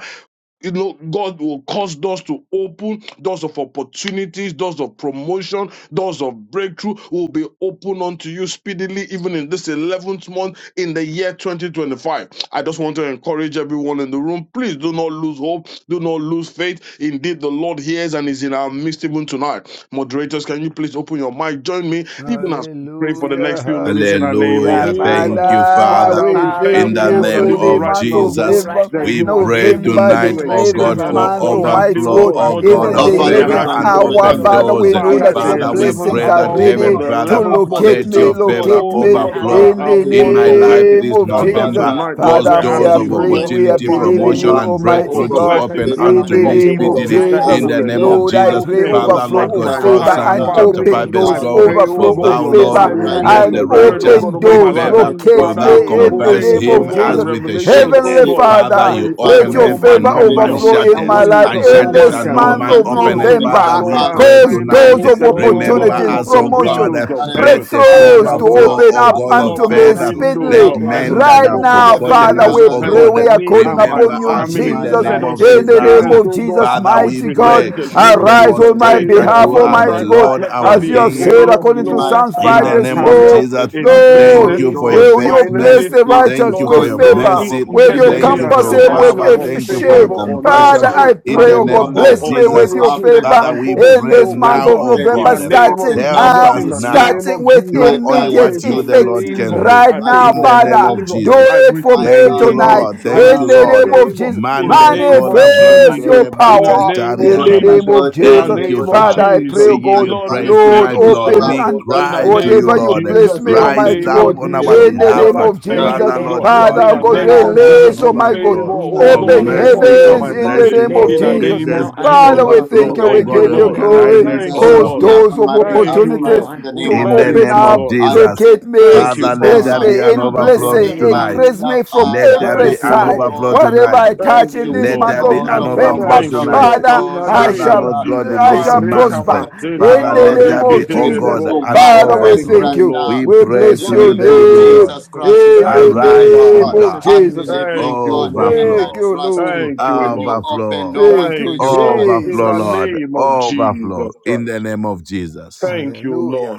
you know, God will cause doors to open, doors of opportunities, doors of promotion, doors of breakthrough will be open unto you speedily, even in this 11th month in the year 2025. I just want to encourage everyone in the room, please do not lose hope, do not lose faith. Indeed, the Lord hears and is in our midst even tonight. Moderators, can you please open your mic? Join me, even as we pray for the
Hallelujah,
next few minutes in the name of
hallelujah.
Hallelujah.
Jesus.
Name
Thank
of
you,
Father,
Jesus,
Father.
Father,
we
we
Father,
thank
In
you,
thank
we
the
O
are
you
God, that
name
for
praying.
even
the
of
right
month
now,
Oh
of
Lord
God,
Jesus,
right now
that
in
November,
we
the
you are
name
pray
of
able
November,
to
the
Jesus
do
tonight, oh
Christ,
God,
exceeding
11th
Father,
and
we
for
month,
pray.
abundantly,
Almighty
oh
overflow,
God.
God,
oh
much
Overflow
more
Even
God
in
of
than
Our
of
the
what we
Father,
can
we
favor
favor
ask
11th
and
thank
and
think
you
or
right
open
hour,
now in
open
imagine.
the
Father,
doors.
name
doors.
we
of
know
Let
Father,
that
the
there
Jesus
your
be
Father,
Christ, the
we
11th
Son
overflow
of
blessings
pray
and
the
are
that
hour, oh
open
living
God,
ready
heaven,
God.
doors in
the
the
to
Father,
11th
name
Our
of
month
Father, we
locate
Jesus
let
me,
Christ,
is
your
come to
still,
call
favor
locate
even
oh
upon
me
tonight
you,
God,
the
as
Father,
overflow
we
in
covenant
a
the
in
keeping
month
my
of
pray.
God.
life
blessing.
name
this
of
The
And so
Jesus.
November.
Father,
tonight, Lord,
Cause
Father,
we're
we
overflow of
doors
are
asking,
of
concerning
oh
sickness
praying,
God,
Almighty
we
in
are
God,
opportunity,
for
the
an
name
believing
of
promotion,
you,
November,
and
Jesus. But
overflow
Almighty
breakthrough
of
to
God.
overflow of
Father,
blessings
open
this
favor
and
our
In
and
unto
the
prayer
me
name
open
even
favor
of
speedily
doors.
tonight.
that it
I
in
Jesus,
will
the name
Overflow,
declare
of
Lord,
and
I
encompass
I
Jesus.
pray
me,
open
decree
Father,
doors right
encompass
Lord
overflow of
God,
now
my
that,
as
for
favor
we
entire
and
Psalm
call
Father,
chapter
family.
upon you
5,
open
for
in the
verse
I
thou,
doors,
name
12,
of
pray,
Lord,
oh
overflow
for
Jesus.
God,
But
of
will
thou,
your
bless
Lord,
favor
the
will
Jehovah,
Bible, oh
righteous
bless
let
God,
and
there
your
the
with
be
the
an
righteous
word, oh
scriptures
God,
favor.
open
over
with
overflow
my
in
doors.
the
life.
favor,
name
Almighty
of
God,
Jesus.
will
Locate
Father,
But
thou
will
your
me
thou
word
in the
compass
Open
says,
compass
name
oh
him
him
of
doors,
God, in
as
as
open
Jesus.
with a
with
Revelations,
a
shield.
oh
Heavenly
God,
shield.
that
Father,
when
you
And
Father,
you
let
Father,
open,
your
when
no
openeth
you
and
man
in
favor
no
the
can
open,
name
man
no
of
shut.
overflow
man
in
And
shutteth,
can
my
Jesus
when you
life
Christ.
shut.
and
shut,
When
Father,
in
no
you
shutteth
let
man
this
and
shut,
there
can
no
be
no
month
man
open.
man
of
in the
can
So
openeth.
open.
name of
tonight,
Father,
November.
Lord,
we
Jesus.
I
Father,
am
pray
I
Cause
praying,
pray
Lord,
tonight.
doors
right
Yes,
of
now
that you
in
will
the name of
Remember
Lord,
open
opportunities,
up
us,
the
Jesus,
O
oh God,
God.
promotion,
windows
that
of
Let
heaven.
Heavenly
the
Ah,
in
Father,
the
breakthroughs
right
to
name of
Jehovah,
now,
overflow,
open
O
Jesus.
I
up
God
open
call
of
up
unto
the
upon
me
Father,
favor.
we
you,
windows
Let
pray,
speedily
that
of
God,
men
Right
heaven.
Father,
in the
that
Right
have
name of
Open
my
now,
Jesus.
up the
Heavenly
forgotten
Father,
us,
windows
Father,
we
of
O
let
pray.
heaven
your
God,
for
We are
me
favor
calling
and my
upon
remember
overflow
you,
us
In
in
the
family.
in
my
the
Jesus,
name
name
Let
life
of
us
of
in
Jesus.
right
the
Jesus.
name
experience,
now.
of
oh God,
Jesus,
I
Father,
need
mighty
we
real
God.
pray,
unprecedented
manifestation
miracles
Arise
of
on
and
my
demonstrate
favor
favor
that
behalf,
you
on
in
all
are the
Almighty
my
sides.
God,
life.
Lord
Let there
our
as
In
be
you
the
It
an
have
King.
said
name of
according
in
to
Jesus
overflow
my
Christ,
Psalms
in
life
Father,
In
5,
we
the
our
verse
name
pray,
this
of
God.
career,
12.
Jesus,
November.
in
In the
Lord,
thank
Cause
business,
you
name
for
of
your
doors
in
will
of
Jesus.
you
faithfulness.
bless
finances,
the
ah,
opportunities,
Thank
righteous
you
Lord,
for
cause
with
your
in
doors
favor?
of
ministry.
mercy.
In
Will
the
Let
you
there be
Thank
name
opportunities,
you
of
an
for
compass
Jesus
your
him
Christ,
with
power.
we
overflow
promotion,
of
pray,
a
Thank you
God.
for your
favor
shield?
and um,
on all
compassion.
Father,
sides,
breakthrough
I
In
an
pray,
the
oh
to
name
God,
overflow
Almighty
of
bless
of
God
me
to
Jesus,
with your
miracles,
happen
favor
Father,
an
we
in
pray
this
overflow,
to
oh
month
now,
of
God,
oh
open
in
November,
the
God,
to
name of
open
starting
help
unto
Jesus,
now
us
in
me
the
now.
name
speedily
starting
of
with
Jesus.
Do
right
I
only
now in
pray
immediate
the
what you,
for
name
the
of
effect
Lord,
Jesus.
favor.
can do.
right
I
My
pray
now,
In
for
the
Father,
name
Father.
I
of
favor.
Do
pray.
Jesus.
I
it for
receive
My
me
Thank you,
God,
favor.
tonight
you
Lord.
I
show
Thank
in
you,
up,
the
receive
oh
Lord.
name of
Lord,
favor
Jesus.
in the
more
Mande
than I
name of
can
kola
ever
Manifest
Jesus,
imagine
your
braskere
or
in the
think.
power
name
basetari
of
in
Because
the
araba.
my
name
Jesus,
of
God, you
in the
are
Jesus.
Thank you,
able
name
to
of
Father,
do
Father.
I pray,
Jesus.
We
oh
exceeding
give
God,
and
you
Lord, we
praise
abundantly
Lord,
thank
tonight,
you
Lord.
so
open
much.
above
We
all
and
that
In the
cry
I
to
name
you,
whatever
ask,
of
you
above
Lord.
all
bless
Jesus,
that
me,
in
I
the
In
think,
Rise
Almighty
the
name
up
of
God,
name
according
on
of
to
our
the
Jesus.
in
Jesus.
the
behalf.
power
Lord,
name
I
of
thank
that
Let
you,
Father,
Jesus.
is
O
at
there
God.
be
Lord
work.
Father,
now
God,
In
oh
the
and
God,
an
let
name
there
Father,
of
be
I
Jesus.
an
release, oh
trust
my
overflow.
you.
God,
Favor,
overflow
In the
O
of
Father,
open
God,
I
name of
upon
mercy,
me and
believe
of
heavens
my
you.
in
Jesus.
the
family.
blessing,
name
Let
of
of
In the
there
Oh,
be
Jesus.
name
goodness,
now
of
Jesus,
an
be
Father,
Jesus.
we
overflow,
thank you.
overflow.
oh
We
Thank
glorified.
you,
God,
give
of
you
In
Lord.
the
Oh,
glory.
name
alignment,
of
Thank
Jesus,
you,
Cause
Jesus.
Lord.
appear
overflow.
doors
on
of
my
Let
Thank
there
behalf
you,
be
right
now
Lord.
now
opportunities
in
an
the
to
name
In
of
the
overflow
Thank
open
you,
name
Jesus.
of
up,
Lord.
I
Jesus.
pray.
locate me,
Thank
This
you,
Father,
is my
let
upon you,
bless
there
Father.
God.
month,
be
me
the
an
in
month
In
of
the
overflow
blessing,
November.
tonight.
name
increase
The
of
me from
Jesus.
Let
Father,
there
you
every
Thank
be
have
you,
an
caused
side.
Lord.
overflow
doors of
Whatever
tonight.
I touch
Thank
in
you,
opportunities,
this
Let
Lord.
month
In
there
the
be
of
doors
an
of
name
overflow
November,
of
Thank
promotion,
you,
tonight.
Jesus.
Lord.
Father,
In the
doors of
I
Father,
name
shall
of
Lord
favor,
God,
Jesus.
in
I
this
shall
doors of
Barika
month,
prosper
goodness
bazenta
in
la
Father,
the
doors
let
of
name
there be,
barike
of
te
oh
increase
de de
Jesus.
God,
to
bo.
an
Father,
In
we
the
manifest
Thank you,
thank
overflow.
right
name of
you.
Lord.
We
now
We
Jesus.
pray
in
bless
the
to
your
you,
Thank
name
the
Father,
you,
of
I
living
Lord.
thank
name
God.
you
Jesus
for this,
Christ,
O
the
God.
in
Son
the
of
Thank
the
you,
In
Arise,
living
oh
name
God.
Father.
of
God.
Jesus'
I
Jesus.
name.
believe you,
Thank you,
God,
Lord.
Amen.
and I
Thank
Overflow.
you,
trust you.
Lord.
Thank you,
When you
Lord.
open,
Overflow.
no one
Thank
Thank
you,
can
you,
shut.
Lord. In
Overflow,
the
Jesus.
Lord.
name of
Overflow.
Jesus
In the
Christ.
name of Jesus.
Thank you, Lord.
Hallelujah.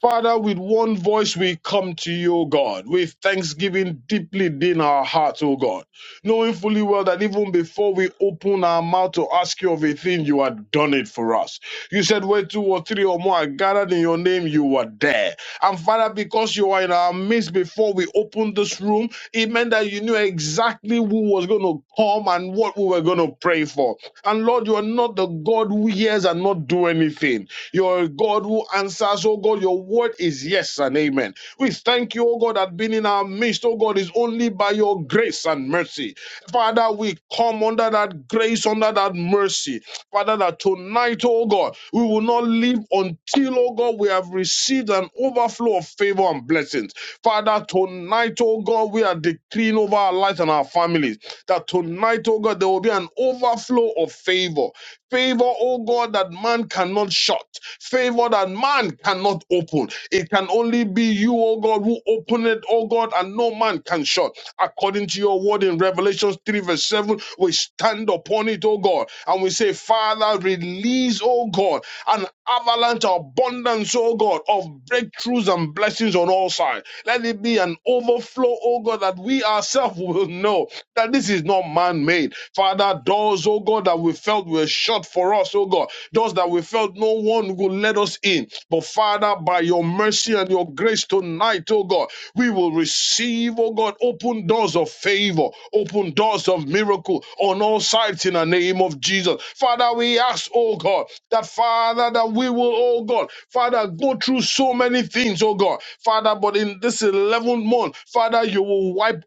Father, with one voice we come to you, O God, with thanksgiving deeply in our hearts, O God, knowing fully well that even before we open our mouth to ask you of a thing, you had done it for us. You said, where two or three or more are gathered in your name, you were there. And Father, because you are in our midst before we opened this room, it meant that you knew exactly who was going to come and what we were going to pray for. And Lord, you are not the God who hears and not do anything. You're a God who answers, oh God. Your word is yes and amen. We thank you, oh God, that being in our midst, oh God, is only by your grace and mercy. Father, we come under that grace, under that mercy. Father, that tonight, oh God, we will not leave until, oh God, we have received an overflow of favor and blessings. Father, tonight, oh God, we are decreeing over our lives and our families that tonight, oh God, there will be an overflow of favor. Favor, oh God, that man cannot shut. Favor that man cannot open. It can only be you, oh God, who open it, oh God, and no man can shut. According to your word in Revelation 3, verse 7, we stand upon it, oh God, and we say, Father, release, oh God, an avalanche of abundance, oh God, of breakthroughs and blessings on all sides. Let it be an overflow, oh God, that we ourselves will know that this is not man made. Father, doors, oh God, that we felt were shut for us, oh God, doors that we felt no one will let us in. But Father, by your mercy and your grace tonight, oh God, we will receive, oh God, open doors of favor, open doors of miracle on all sides in the name of Jesus. Father, we ask, oh God, that Father, that we will, oh God, Father, go through so many things, oh God, Father, but in this 11th month, Father, you will wipe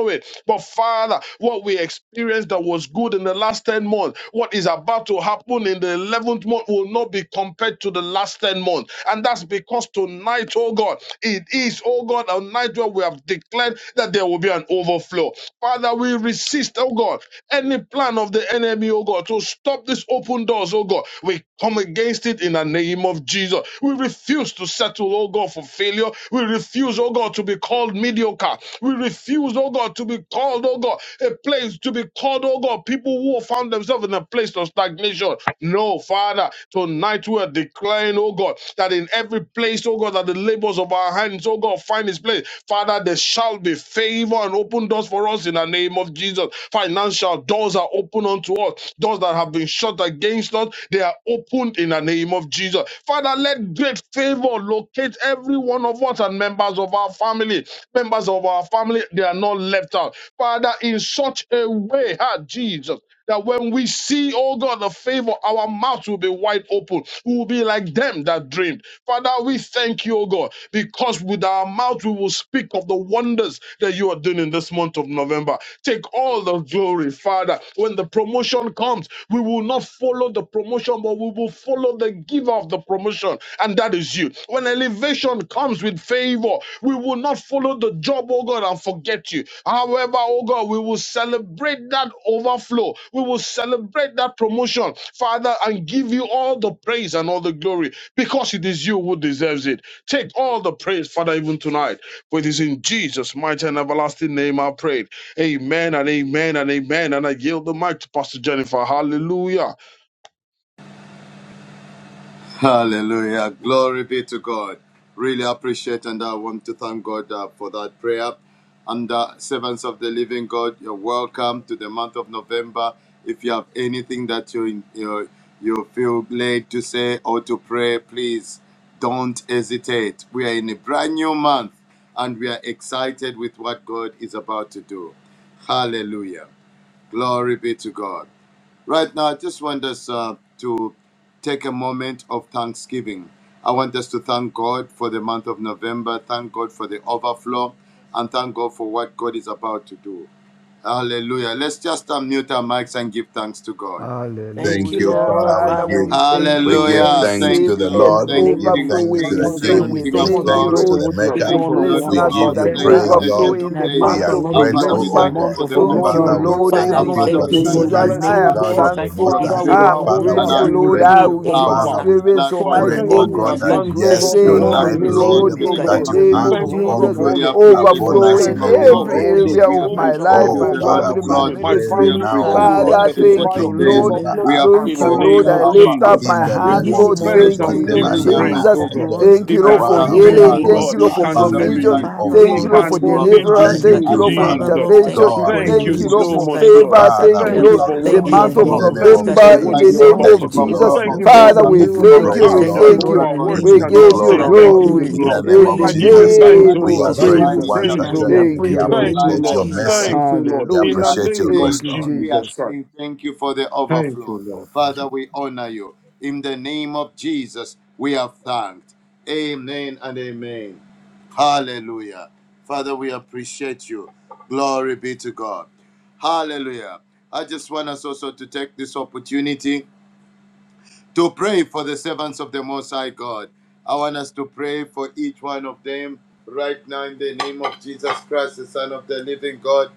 away, stop these open doors, oh God. We come against it in the name of Jesus. We refuse to settle, oh God, for failure. We refuse, oh God, to be called mediocre. We refuse, oh God, to be called, oh God, a place to be called, oh God, people who have found themselves in a place of stagnation. No, Father, tonight we are declaring, oh God that in every place, oh God, that the labors of our hands, oh God, find its place. Father, there shall be favor and open doors for us in the name of Jesus. Financial doors are open unto us. Doors that have been shut against us, they are opened in the name of Jesus. Father, let great favor locate every one of us and members of our family. Members of our family, they are not left out. Father, in such a way, ah, Jesus. That when we see, oh God, the favor, our mouth will be wide open. We will be like them that dreamed. Father, we thank you, oh God, because with our mouth we will speak of the wonders that you are doing in this month of November. Take all the glory, Father. When the promotion comes, we will not follow the promotion, but we will follow the giver favor of the promotion, and that is you. When elevation comes with favor, we will not follow the job, oh God, and forget you. However, oh God, we will celebrate that overflow. We will celebrate that promotion, Father, and give you all the praise and all the glory because it is you who deserves it. Take all the praise, Father, even tonight. For it is in Jesus' mighty and everlasting name I prayed. Amen and amen and amen. And I yield the mic to Pastor Jennifer. Hallelujah.
Hallelujah. Glory be to God. Really appreciate and I want to thank God uh, for that prayer. And uh, servants of the living God, you're welcome to the month of November. If you have anything that you, you, you feel led to say or to pray, please don't hesitate. We are in a brand new month and we are excited with what God is about to do. Hallelujah. Glory be to God. Right now, I just want us uh, to take a moment of thanksgiving. I want us to thank God for the month of November, thank God for the overflow, and thank God for what God is about to do. Hallelujah. Let's just unmute our mics and give thanks to God.
Thank
Thank you,
you,
Hallelujah.
Lord.
Father. We
Father,
Father,
give
we
we thank
thank
we
you.
you,
We
give
thank
Hallelujah.
thanks
you.
Thank
receive
to the
you.
In
an
Lord.
the
We
Thank you,
give
name of
King of
overflow.
thanks
We
Jesus,
to
Father,
we,
Kings.
the
we
King.
thank
receive.
Thank
Lord,
you,
you
we
We
King
so
We give
of
thank
much,
thank
you,
oh
you,
thanks
God,
Glory.
to
Lord,
for
Lord,
the
what you have
Maker.
even
for
Thank
for
done
you,
the
and
Lord
what
blessing
of
We
you
month
are
of
us
give
with
Lords.
about
you
to
an
do.
Thank
November.
you,
praise,
I
Ah,
overflow
Lord.
Ancient
thank
of
you
in
in
the
Days.
We
words
month
are
are
advance
of
not
Our Father,
grateful,
because
we
enough.
the
O
November.
thank you
month
God.
for
of
the
But
Thank
Lord,
you,
I
Father,
overflow.
overflow.
we
know,
Lord.
thank
oh
Father,
Our
we
Thank
God,
you
Father,
you,
that
for
thank
we
you,
the
when
thank
God,
you
you
in the
Jesus.
for
bless,
servants
the
of
I
name
oh
of
am
God of
God,
Jesus
outpouring
the
Christ.
of
Most
thankful.
your
This
Father,
High.
is a
with
I
spirit
our
am
month
own
Father,
in
and
we
mouth,
grateful,
are
which
we
we
will
will
Lord.
outpouring
not
of
I
see
have
it
your
will
grateful.
come to
any
power
pass.
Father,
lack.
we
and
Lord,
experience,
So I
In
outpouring
pray,
the
of
Almighty
your
thank
O
God,
name
you
of
God,
in
Jesus
that
your
Christ,
anointing.
advance, oh
grace.
We
yes,
God,
thank
for
you,
truly
all
Thank
the
Lord,
you,
tonight,
in the
Lord,
name
appreciate
Lord,
of
miracles,
you,
Jesus
oh
the
in
Christ,
the
that
King
God.
for
of
you
the
name
have
month
Kings.
of
of
Thank
your
you, oh
own
We
God,
Jesus.
for
way
overflow
all
truly
the
in which
appreciate
upon
you,
we
favors.
the
Overflow
us
as a
in
in
King
Thank
the
of
you, oh
house
name
will
God, for
every
of
Glory.
all
experience
the
your
area
We
Jesus.
of my
supernatural
appreciate
overflow,
life,
you,
Oh,
my
oh
the
provision
God,
Lord
that
Father,
family,
of
is
in
we
my
the
coming.
Lords.
My
name
pray
of
We
ministry.
family,
Jesus
oh
now,
Christ.
God,
O
I
appreciate
we
you,
will
God.
the
Father,
thank you, God
Ancient
thank
testify
you,
of
of
in
this
the
Days.
Lord.
Remember
name of
overflow
We
this,
us,
our
in
Thank
the
you,
appreciate
oh
cup
you,
Lord.
name
the
I
of
God,
runneth
Alpha
lift
Jesus.
and
up
the
over.
in
my
the
We
In
name
hands,
give
Omega,
of
this
you
Lord,
the
Jesus.
thanks
month
and
of
thanking
we
Whatever
you,
give
I
you
November,
beginning
lay
and
praise,
the
my
our
Jesus.
oh
cup
end,
hand
God.
on,
runs
the
Thank you,
It
Lord,
over.
can
first
for
only
Father,
and
In
be
the
the
will
healing.
you,
last.
name
Thank
of
God.
you, Lord,
prosper
It
And
for
can
Jesus
in
Father,
only
the
Christ,
we
be
provision.
name
you.
thank
of
you
Father
for
Thank
It
you,
Lord,
Lord,
what
in
can
Jesus.
for
the
you
name
have
only
of
done.
deliverance.
be
Jesus
Thank
Christ,
Thank
you,
you,
And
you,
Lord,
we
for
Father
thank
Father
you
Jesus.
Lord,
Lord.
for what you're
intervention.
thank you,
God,
about
God,
to
we
Thank
in the
do
Thank
you
name
you,
in
bless
of
the
Lord,
so
you.
Jesus
month
for
much,
of
Christ, for
Lord.
favor.
November.
answered
Father,
Thank you,
we
prayer.
Thank
We
you
Lord,
for
thank you
what
the
glorify
Thank
for
you
you
in
you
the
month
have
the
in
of
name
the
done.
of
name
overflow.
Jesus
Thank
of
you
Christ for
for
November
We
the
in
what
Jesus.
the
thank
you
you
are
for
name
results,
the
about
of
for
to
Thank
the
do.
you,
Jesus.
overflow
Lord.
Thank
of
overflow,
you for all
We
Father,
the
for the
favor,
we
give you
open
miracles.
thank
doors.
you.
We
praise,
Ah,
We
overflow of
thank
Lord.
you,
thank
Lord,
Jehovah,
you.
in the
miracles,
We
name
words
We
of
give you
cannot
give
Jesus
you
say
glory,
overflow of
Christ.
thank
We
Lord,
you
glory
in
give you
breakthrough,
the
enough.
the name
in
of
the
I
praise, we
give
give
overflow,
you
you
Jesus.
the
of
glory,
thanks,
mighty
name
oh
because
We
it
of
God,
are
God.
is
I give
so,
grateful
divine
you
Jesus.
once
even
praise,
as
oh
we are
God.
again.
intervention,
Thank
We
prayed
you,
in the
Lord.
Thank
name
you,
of
divine
appreciate your
Lord.
Jesus Christ.
Thank
mercy.
you,
acceleration,
Lord.
We
In the
Hallelujah.
divine
appreciate your
name
grace,
Thank
speed.
of
you,
Lord.
We are
Jesus
Jesus.
Christ.
saying thank you for the
Thank
overflow.
you, Lord.
Father, we honor you. In the name of Jesus, we have thanked. Amen and amen. Hallelujah. Father, we appreciate you. Glory be to God. Hallelujah. I just want us also to take this opportunity to pray for the servants of the Most High God. I want us to pray for each one of them right now in the name of Jesus Christ, the Son of the living God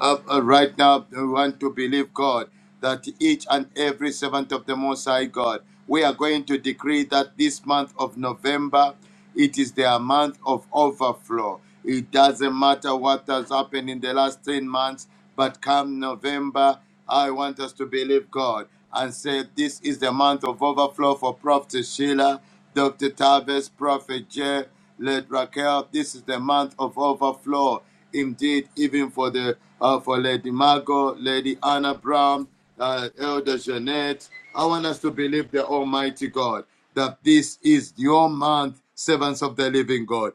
uh, uh, right now we want to believe God that each and every servant of the Most High God, we are going to decree that this month of November, it is their month of overflow. It doesn't matter what has happened in the last 10 months, but come November, I want us to believe God and say this is the month of overflow for Prophet Sheila, Dr. Tavis, Prophet Jay. Let Raquel, this is the month of overflow. Indeed, even for the uh, for Lady Margot, Lady Anna Brown, uh, Elder Jeanette, I want us to believe the Almighty God that this is your month, servants of the living God.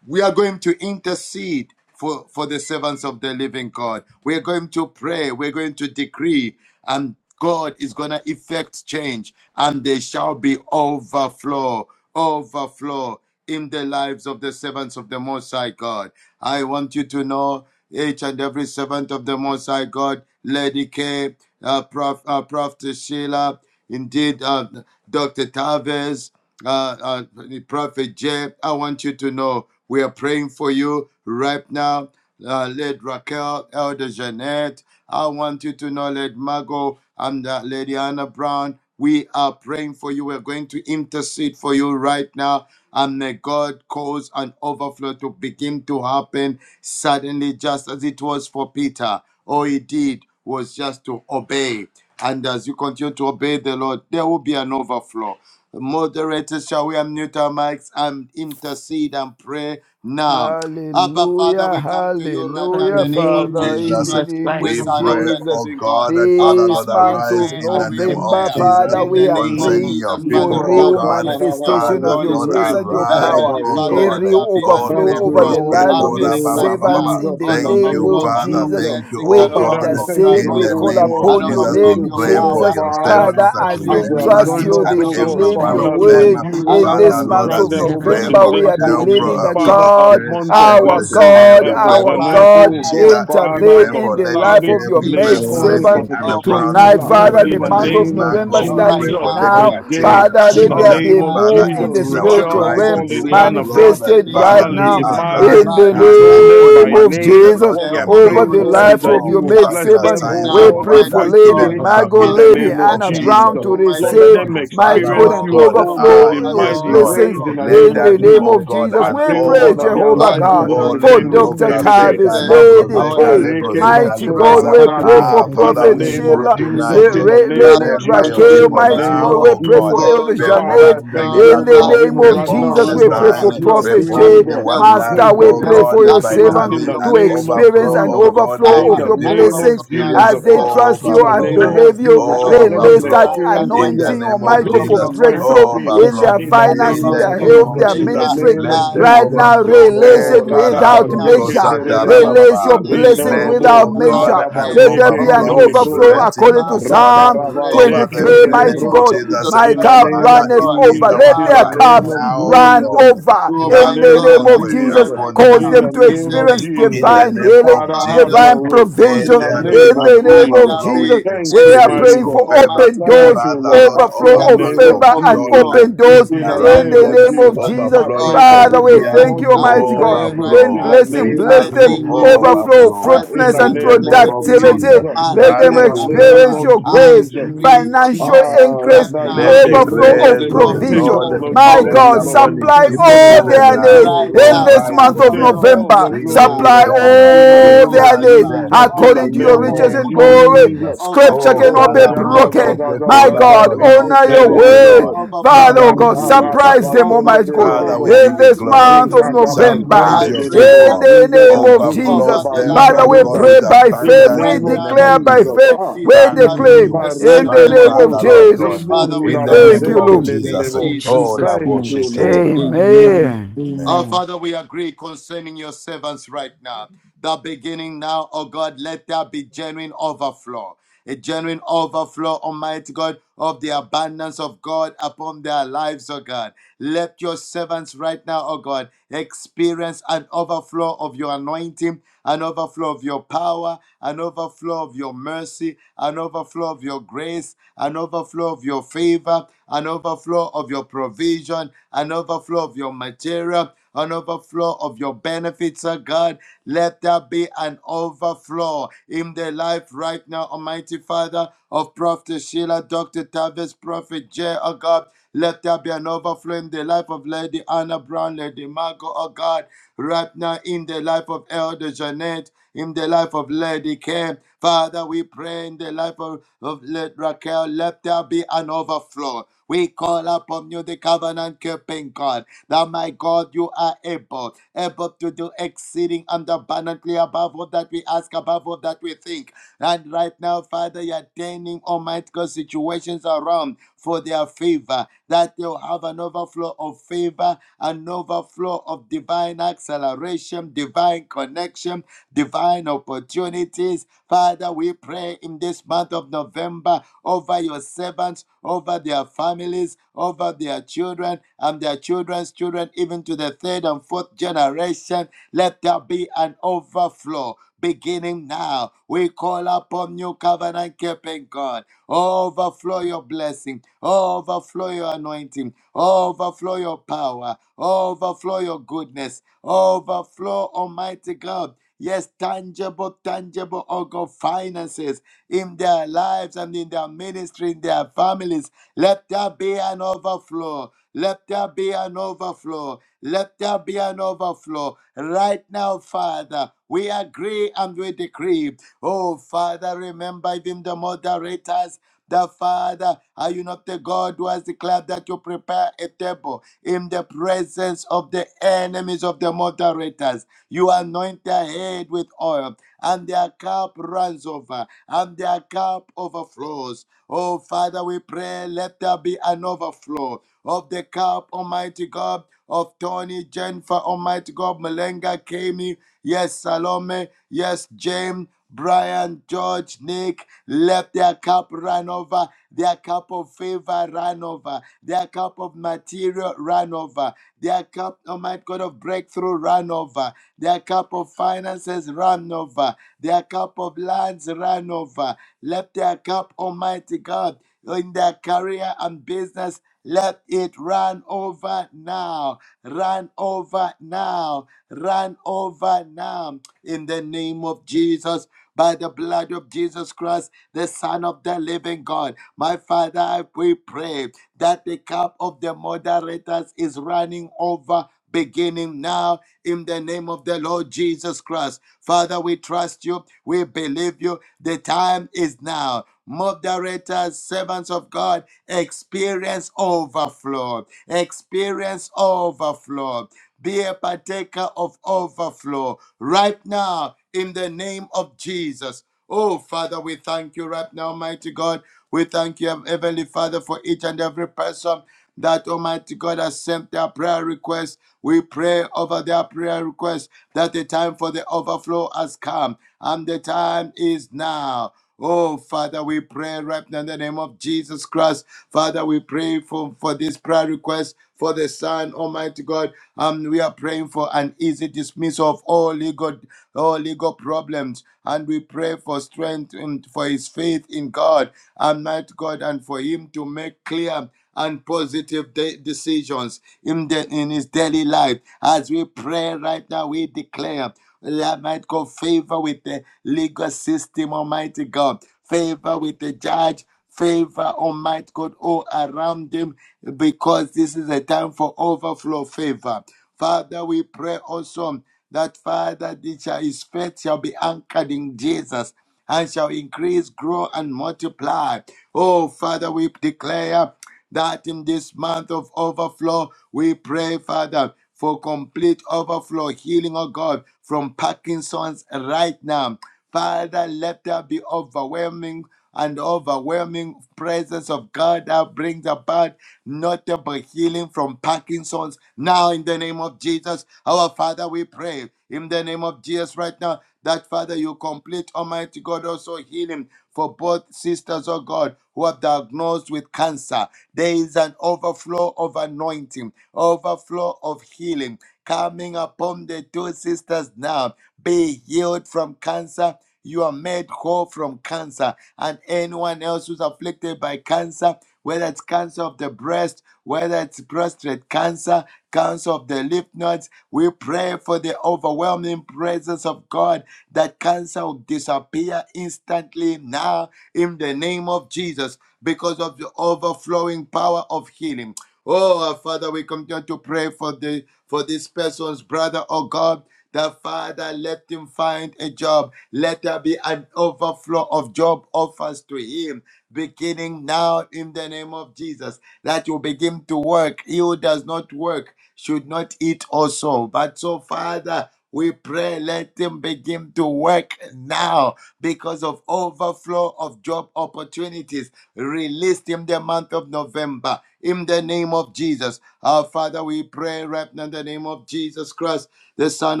We are going to intercede for, for the servants of the living God. We're going to pray, we're going to decree, and God is going to effect change, and there shall be overflow, overflow in the lives of the servants of the Most High God. I want you to know each and every servant of the Most High God, Lady K, uh, Prof, uh, Prof. Sheila, indeed, uh, Dr. Taves, uh, uh, Prophet J. I want you to know we are praying for you right now. Uh, Led Raquel, Elder Jeanette, I want you to know, Lady Margot and uh, Lady Anna Brown, we are praying for you. We're going to intercede for you right now. And may God cause an overflow to begin to happen suddenly, just as it was for Peter. All he did was just to obey. And as you continue to obey the Lord, there will be an overflow. Moderators, shall we unmute our mics and intercede and pray now? Abba, Father,
Hallelujah,
we come to you right now
In
in
the
hallelujah,
the name of
name of
Father,
Jesus
in
Jesus.
the
Christ
Jesus
name
Christ,
the
We
of
oh
Son of
God.
pray,
the
Jesus.
oh
living God.
God, that
Our
Father,
This
Lord,
Father, we
month
arise
The
of
pray
in
and
the
we
name of
Thank
November,
declare
Jesus
The
Father,
in
we
the
are
name of
name
concerning
praying
of
your
Jesus, by
for
people,
the
Jesus,
oh
blood
real
of
God.
Jesus, with the help of
manifestation
the
Father,
of your
Holy
Lord,
grace
Spirit,
and your
that
arise,
power,
Heavenly
oh
Father,
a
God.
let
real
there be an
Oh,
overflow
Thank
over
you,
the
lebros
overflow
Lord,
ke
in
lives
the
of your
kora
happening
name
ba
right
ba
of
ba ba ba.
now.
servants in
Jesus,
the
in
An
the
Thank
name
you,
name
overflow
of
of
of
Father.
your
Jesus.
Jesus.
Thank you,
blessings,
oh
We
an
Father,
God.
we
overflow of
thank you
your
intercede,
for
In
the
we
the
whole
call
anointing,
name
God,
of
the
an
upon your
Jesus,
overflow of
we
moderators,
name,
your
pray
oh
for
God,
power,
Jesus.
your
an
Father.
servants
Father,
I
that
overflow of
as
cry
As
they
your
they
with the
remember
have
favor,
trust
joined
each
you,
name
us,
of
and
an
they
oh God,
overflow
Jesus,
every
of
believe
my
one
your
your
life
of
Father,
them.
that
goodness,
word.
depends on
you, oh
an
His
in
name.
God,
Father,
this
So
overflow
will
of
you
Lord,
month
the
may
grant
as
of
we
them,
serve
oh
and
blessings
pray
God,
of
in
November.
seek
for
the
We
this
Him,
Lord
are
that
the
Rachel,
month,
Pro,
believing
maketh
name
uh,
of
that
rich
Father,
Jesus,
Prophet
a
God,
Jay,
and
month
have
of
no
our
Elder
blessings. Ah,
sorrow.
Janelle,
God,
we
Elder
pray
My
our
for
Janet,
Prophet
Father,
God,
oh
I
Sheila,
God,
pray,
we pray
Father,
intervene
right
in
Dr.
for
in
the
the
Lady
name
life
Tavis,
of
Care.
of
your
We
and
pray
Jesus
Lady
maid
He
for
Christ,
Connie,
is
Lady
servant
Professor
Anna
Almighty
Brown.
tonight.
God.
Sheila,
We
Mm.
pray
Father, the
in the
for
the
month
Lady
of
only
name of
one.
November
Margot.
Oh,
We
right
pray
Jesus,
starting
for
now,
Lady
Prophet
now.
Almighty
Martin
Jay,
in
God.
Father,
in
let
the
there
absentia.
Oh,
Jesus
be
name
a
of
Father,
move
things
Jesus,
Father.
it
in
that
the
is our
flows,
Oh,
spiritual
Rochelle,
cry
Lord,
oh
I
to
realm
God,
you,
Lady
pray
O
Anna Brown,
in
Lord, that
the
in
manifested
the
name
Father,
right
Father,
of
flesh, and
Lady
He
now
is
Jesus,
Margot,
arise
in
the
by
the
the
you
and
know
blood
do
of
name
them
only
by
name
Jesus,
what
of
you,
name.
the
with
Jesus
Lord,
the
What we
help
are
can
of the
over
do.
praying,
the
Holy
Lord, is
life
that
Spirit,
of
you
Perform
your
will
that
maid
bless
miraculous
servant.
them,
beginning
oh
signs
We
now,
and
God,
pray
in
for
wonders
Almighty
mighty
Lady
God.
even
way,
now
Margot,
in
in the
the
Father,
Lady
name
name of
let
of
Anna
there be,
Brown
Jesus.
Jesus.
to
Lord,
Almighty
let
Thank
receive,
God,
them
you,
an
mighty
Father,
God,
Lord
experience
an
you,
God.
oh
overflow,
God,
Ah,
in
an
overflow
yes,
of
mighty
Lord.
ways,
blessings
in
overflow.
the
Let
name
in
of
Right
that,
the
be,
now, in
name
oh
Jesus.
of
the
God,
name of
I
Jesus.
an
We
pray, oh
Jesus,
pray,
God, that their
Jehovah
by
overflow.
life
the
will
God,
not
Oh,
blood
only one. The
of
for
remain the
name
Dr.
Jesus,
lembroca
of
same
Jesus,
again.
with
seca,
Tavis,
the
Ah,
help of the
Lady
Holy
lebrozeca,
K.
abareke
Spirit,
you.
lebrozica,
Mighty
right
basota
God,
lebroza.
we
Thank
now,
pray
labrande.
for
Ah,
you.
Almighty
In
Father,
the
God.
Prophet
we
name of
pray
Sheila,
Almighty
Jesus,
tonight.
in
God.
the name
Lady
of
Father,
Remember
thank
your
Jesus,
you,
Raquel,
in the
people
mighty
Almighty
name
now,
God,
of
God.
we
oh
pray
God.
for
Jesus.
Oh
Elder
Lord,
Father,
right
I
Janet.
Perform the
thank
now
you, O
In the
God,
I
that
miracle,
the
even
name of
declare
right
name of
now,
perform
Jesus,
over
the
O
the
we
Jesus,
God,
pray
ah,
lives
for
of
sign,
your
you are
Prophet
doing,
perform
servant
O
the
God,
Jay.
that we will
wonder,
Master,
great
we
and
oh
experience
pray
God,
for
mighty
your
an
by
things
overflow
servants
of
in
having
the
your
to
an
name
presence,
of
an
experience
overflow,
overflow
an
oh
of
Jesus.
your
God, let
overflow
In
power,
of
the
your
your
an
people
name
overflow
of
of
blessings
your
experience
as
anointing,
Jesus
they
an
Christ.
trust
overflow of
In
you
the
your
and
name
overflow,
of
believe
miracles,
you.
Jesus
an
Christ. Let
overflow of
them
Release
your
that
overflow,
signs and
experience, O
in the
wonders,
God,
anointing, oh
name of
my
an
God,
great
for
Jesus,
overflow
and
of your
mighty
breakthrough
things.
provision,
in
overflow.
their
In the
an
finance,
In
name
in
the
of
their
overflow
name
of
health,
of
Jesus.
their
In the
Jesus,
favor.
ministry.
name
let
of
the
Father,
Right
Jesus.
let
now,
your
overflow.
servant
release
Eh,
it
Oh,
right
Radaba
without
kalambro
now
Zeke
measure.
kosatara
experience
Terebo.
Release your
in the name of
blessings
Let,
Jesus.
Rindorobo
without
oh
I
God,
measure.
an
Zundaraba
pray,
Let there be
Zeke
an
Lord,
Almighty
overflowing
overflow
God.
Kelebrosa.
blessing,
according to
oh
Father, I
thank
God,
you,
Psalm
Radaraba
pray
over
Zeke
them in
in
23,
the
the
name
in
mighty
name
of
of
God.
Kelebrosa.
Jesus.
Jesus
My
In
Christ,
the
cup
name
Almighty
Father,
of
it
runneth
God.
is
over.
Thank
Jesus,
our
Let
in the
their
Father,
cry.
name
cups
of
Now,
run
Jesus,
and
Lord,
over
in
Oh
the
have
my
in the
your
name of
God,
name
own
of
I
way
pray
Jesus.
Jesus,
right
upon
Cause
now
them.
in the
them to
in
name
the
of
experience
name of
In
Jesus.
the
divine
name
Jesus,
of
Father,
healing,
by the
have
Jesus,
divine
help
your way.
of the
let
In
Holy
provision
the
there be
Spirit,
name
in
of
an
the
let
name of
Jesus.
there
overflowing
Jesus.
be
Thank
We
a
you,
are
experience
mighty
praying
of
simple,
for
God.
favor.
Almighty
open
God,
Thank
doors,
you,
Father,
Lord.
Lord,
Ah, in
overflow
connection
the
that
of
will
name
overflowing
bring
of
of
favor and
joy
overflow
Jesus.
open
and peace
doors
into
In
the
the
in
lives
around
name
the
of
of
them,
your
name of
Jesus.
servant.
Jesus.
I
overflowing
pray for
Father,
Almighty
we
open
God,
ideas,
thank
doors,
you,
I
open
Almighty God,
pray right
heaven.
in
In the
now
overflow.
blessing,
We
name
in
of
bless
the
ask
them,
for
name of
Jesus.
overflow,
Jesus
Ah,
overflow
Christ, the
in
fruitfulness,
the
and
Son
in
of
the
name
the
name
of
of
Living God.
productivity.
Jesus.
Jesus.
Let them
In the
Hallelujah.
name
Marikatarababa.
experience
of
your
I
grace,
Jesus.
the name of
decree, oh
Ah,
financial
God,
Jesus,
right
increase,
my name,
now
Let the
of
overflow
in the
of
grace
name
of
provision
Rabba-zeke-le-le-le-le-bo.
the
of
Take
provision.
Lord
Jesus
all the
My
over
rest
glory,
God,
the
Jesus, my
Lord.
lives
upon
of
name, of
his
supply
your
people
Take
Jesus.
all
servant
all
even
their
the
now.
needs
right
glory,
in
now.
Lord.
this
Provide
month
for
of
Take
them,
Overflow
uh,
of
all the
November.
supply,
glory,
renew
Supply
Lord.
them, uh,
In the
overflow
all
name
of
of
their
recharge
needs
favor,
them uh,
Jesus,
you.
in the
according
in
to
the
your
overflow of
name
riches
of
name
and
of
provision,
glory.
Jesus.
Jesus.
Scripture
Oh,
overflow
cannot
of
Oh,
be
yanda
Kalambro
za
broken.
anointing,
za
Kote
za
My
za
Kola
za
God,
overflow
Baraba.
Mm.
zeke
of
te
honor your
Thank
le
joy,
le
you,
le
Lord.
bo.
word.
In the
overflow
Father,
Father,
oh
of
we
God,
Zanda
name
give you
peace,
rada
of
surprise
ba
praise.
them,
zunde
Almighty
de de
God,
de
Father,
overflow,
we
bo.
give
in
you
Almighty
this
God of
glory.
month
Jesus,
of
Zinka
in
gaba
the
testimonies.
name
November.
Surprise
I
zunde
of
your
de de
pray
bo.
Jesus,
In
and
people.
the
Zunde ka
declare
name of
zuzu
over
Overflow
Jesus.
zoba
the
in
them,
lives
the
lubra
Father,
of
oh
we
your
God,
doza.
name
pray
with
servants
by
In the
faith.
abundance
We
right
name
in the
of
now
name
in
declare
of
by
the
Jesus.
name
Jesus.
of
Ah,
faith.
Jesus
We
in
Thank
the
Christ,
you,
declare
name
new
of
the
one.
Son
in
of
Jesus,
Pareke
the
My
the
name of
living
Father, Lord
Mendoza,
God.
God,
Jesus.
we
Debo
Father, we
pray
in
for
the
thank
this
name
Thank
you
you,
Rudabazete
of
football.
Lord.
in
Jesus.
Lelelebo.
In
Jesus'
Oh,
Jesus'
name.
Thank
name,
you,
Laboshetere
Lord.
Baba.
Amen.
amen,
Amen.
Our
Amen.
amen.
Father, we agree concerning your servants right now. The beginning now, oh God, let there be genuine overflow. A genuine overflow, Almighty God, of the abundance of God upon their lives, oh God. Let your servants right now, oh God, experience an overflow of your anointing an overflow of your power, an overflow of your mercy, an overflow of your grace, an overflow of your favor, an overflow of your provision, an overflow of your material, an overflow of your benefits, oh God. Let there be an overflow in their life right now, Almighty Father, of Prophet Sheila, Dr. Tavis, Prophet J, oh God. Let there be an overflow in the life of of Lady Anna Brown, Lady Margot, oh God, right now in the life of Elder Jeanette, in the life of Lady Kim. Father, we pray in the life of, of Lady Raquel, let there be an overflow. We call upon you, the covenant keeping God, that my God, you are able, able to do exceeding and abundantly above all that we ask, above all that we think. And right now, Father, you're turning, Almighty God, situations around for their favor, that they'll have an overflow of favor, an overflow of divine acceleration, divine connection, divine opportunities. Father, we pray in this month of November over your servants, over their families, over their children and their children's children, even to the third and fourth generation. Let there be an overflow beginning now now. We call upon you, covenant keeping God. Overflow your blessing, overflow your anointing, overflow your power, overflow your goodness, overflow, Almighty God. Yes, tangible, tangible, oh God, finances in their lives and in their ministry, in their families. Let there be an overflow. Let there be an overflow. Let let there be an overflow. Right now, Father, we agree and we decree. Oh, Father, remember them, the moderators. The Father, are you not the God who has declared that you prepare a table in the presence of the enemies of the moderators? You anoint their head with oil, and their cup runs over, and their cup overflows. Oh, Father, we we pray, let there be an overflow of the cup, Almighty God, of Tony, Jennifer, Almighty God, Malenga, Kami, yes, Salome, yes, James, Brian, George, Nick, let their cup run over, their cup of favor run over, their cup of material run over, their cup, Almighty God, of breakthrough run over, their cup of finances run over, their cup of lands run over, let their cup, Almighty God, in their career and business. Let it run over now. Run over now. Run over now. In the name of Jesus, by the blood of Jesus Christ, the Son of the living God. My Father, we pray that the cup of the moderators is running over beginning now in the name of the Lord Jesus Christ. Father, we trust you. We believe you. The time is now. Moderators, servants of God, experience overflow. Experience overflow. Be a partaker of overflow right now in the name of Jesus. Oh, Father, we thank you right now, mighty God. We thank you, Heavenly Father, for each and every person that Almighty God has sent their prayer request. We pray over their prayer request that the time for the overflow has come and the time is now. Oh, Father, we pray right now in the name of Jesus Christ. Father, we pray for, for this prayer request for the Son, Almighty God. Um, we are praying for an easy dismissal of all legal, all legal problems. And we pray for strength and for his faith in God. God, Almighty God, and for him to make clear and positive de- decisions in, the, in his daily life. As we pray right now, we declare that might go favor with the legal system, Almighty God, favor with the judge, favor, Almighty God, all around him, because this is a time for overflow favor. Father, we pray also that Father, this his faith shall be anchored in Jesus and shall increase, grow, and multiply. Oh, Father, we declare that in this month of overflow, we pray, Father, for complete overflow, healing, oh God, from Parkinson's right now. Father, let there be overwhelming and overwhelming presence of God that brings about notable healing from Parkinson's. Now, in the name of Jesus, our Father, we pray in the name of Jesus right now that, Father, you complete, Almighty God, also healing for both sisters, oh God, who are diagnosed with cancer. There is an overflow of anointing, overflow of healing coming upon the two sisters now. Be healed from cancer you are made whole from cancer. And anyone else who's afflicted by cancer, whether it's cancer of the breast, whether it's prostate cancer, cancer of the lymph nodes, we pray for the overwhelming presence of God that cancer will disappear instantly now in the name of Jesus because of the overflowing power of healing. Oh, our Father, we continue to pray for the for this person's brother, oh God that Father, let him find a job. Let there be an overflow of job offers to him, beginning now in the name of Jesus. That you begin to work. He who does not work should not eat also. But so, Father, we pray, let him begin to work now because of overflow of job opportunities Release him the month of November in the name of Jesus. Our Father, we pray right now in the name of Jesus Christ, the Son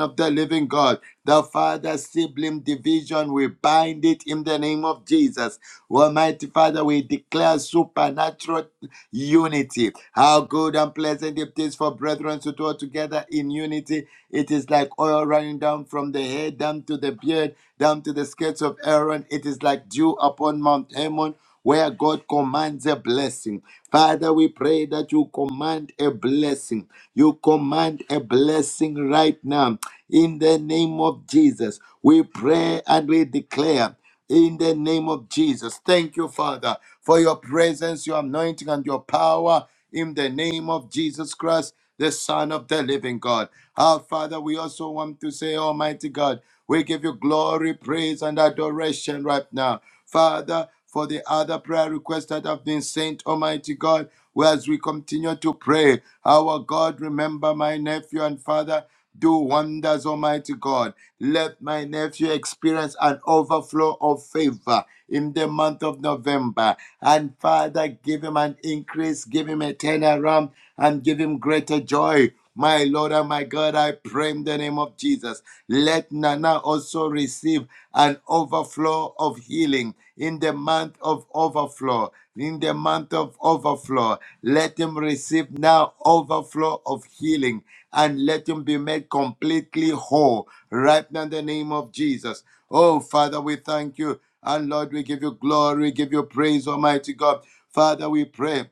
of the living God. The Father sibling division, we bind it in the name of Jesus. Almighty Father, we declare supernatural unity. How good and pleasant it is for brethren to dwell together in unity. It is like oil running down from the head, down to the beard, down to the skirts of Aaron. It is like dew upon Mount Hermon where God commands a blessing. Father, we pray that you command a blessing. You command a blessing right now in the name of Jesus. We pray and we declare in the name of Jesus. Thank you, Father, for your presence, your anointing, and your power in the name of Jesus Christ, the Son of the living God. Our Father, we also want to say, Almighty God, we give you glory, praise, and adoration right now. Father, for the other prayer requests that have been sent, Almighty God, well, as we continue to pray, our God, remember my nephew and father, do wonders, Almighty God. Let my nephew experience an overflow of favor in the month of November. And Father, give him an increase, give him a turnaround, and give him greater joy. My Lord and my God, I pray in the name of Jesus. Let Nana also receive an overflow of healing in the month of overflow. In the month of overflow, let him receive now overflow of healing and let him be made completely whole right now in the name of Jesus. Oh, Father, we thank you. And Lord, we give you glory, we give you praise, Almighty God. Father, we pray.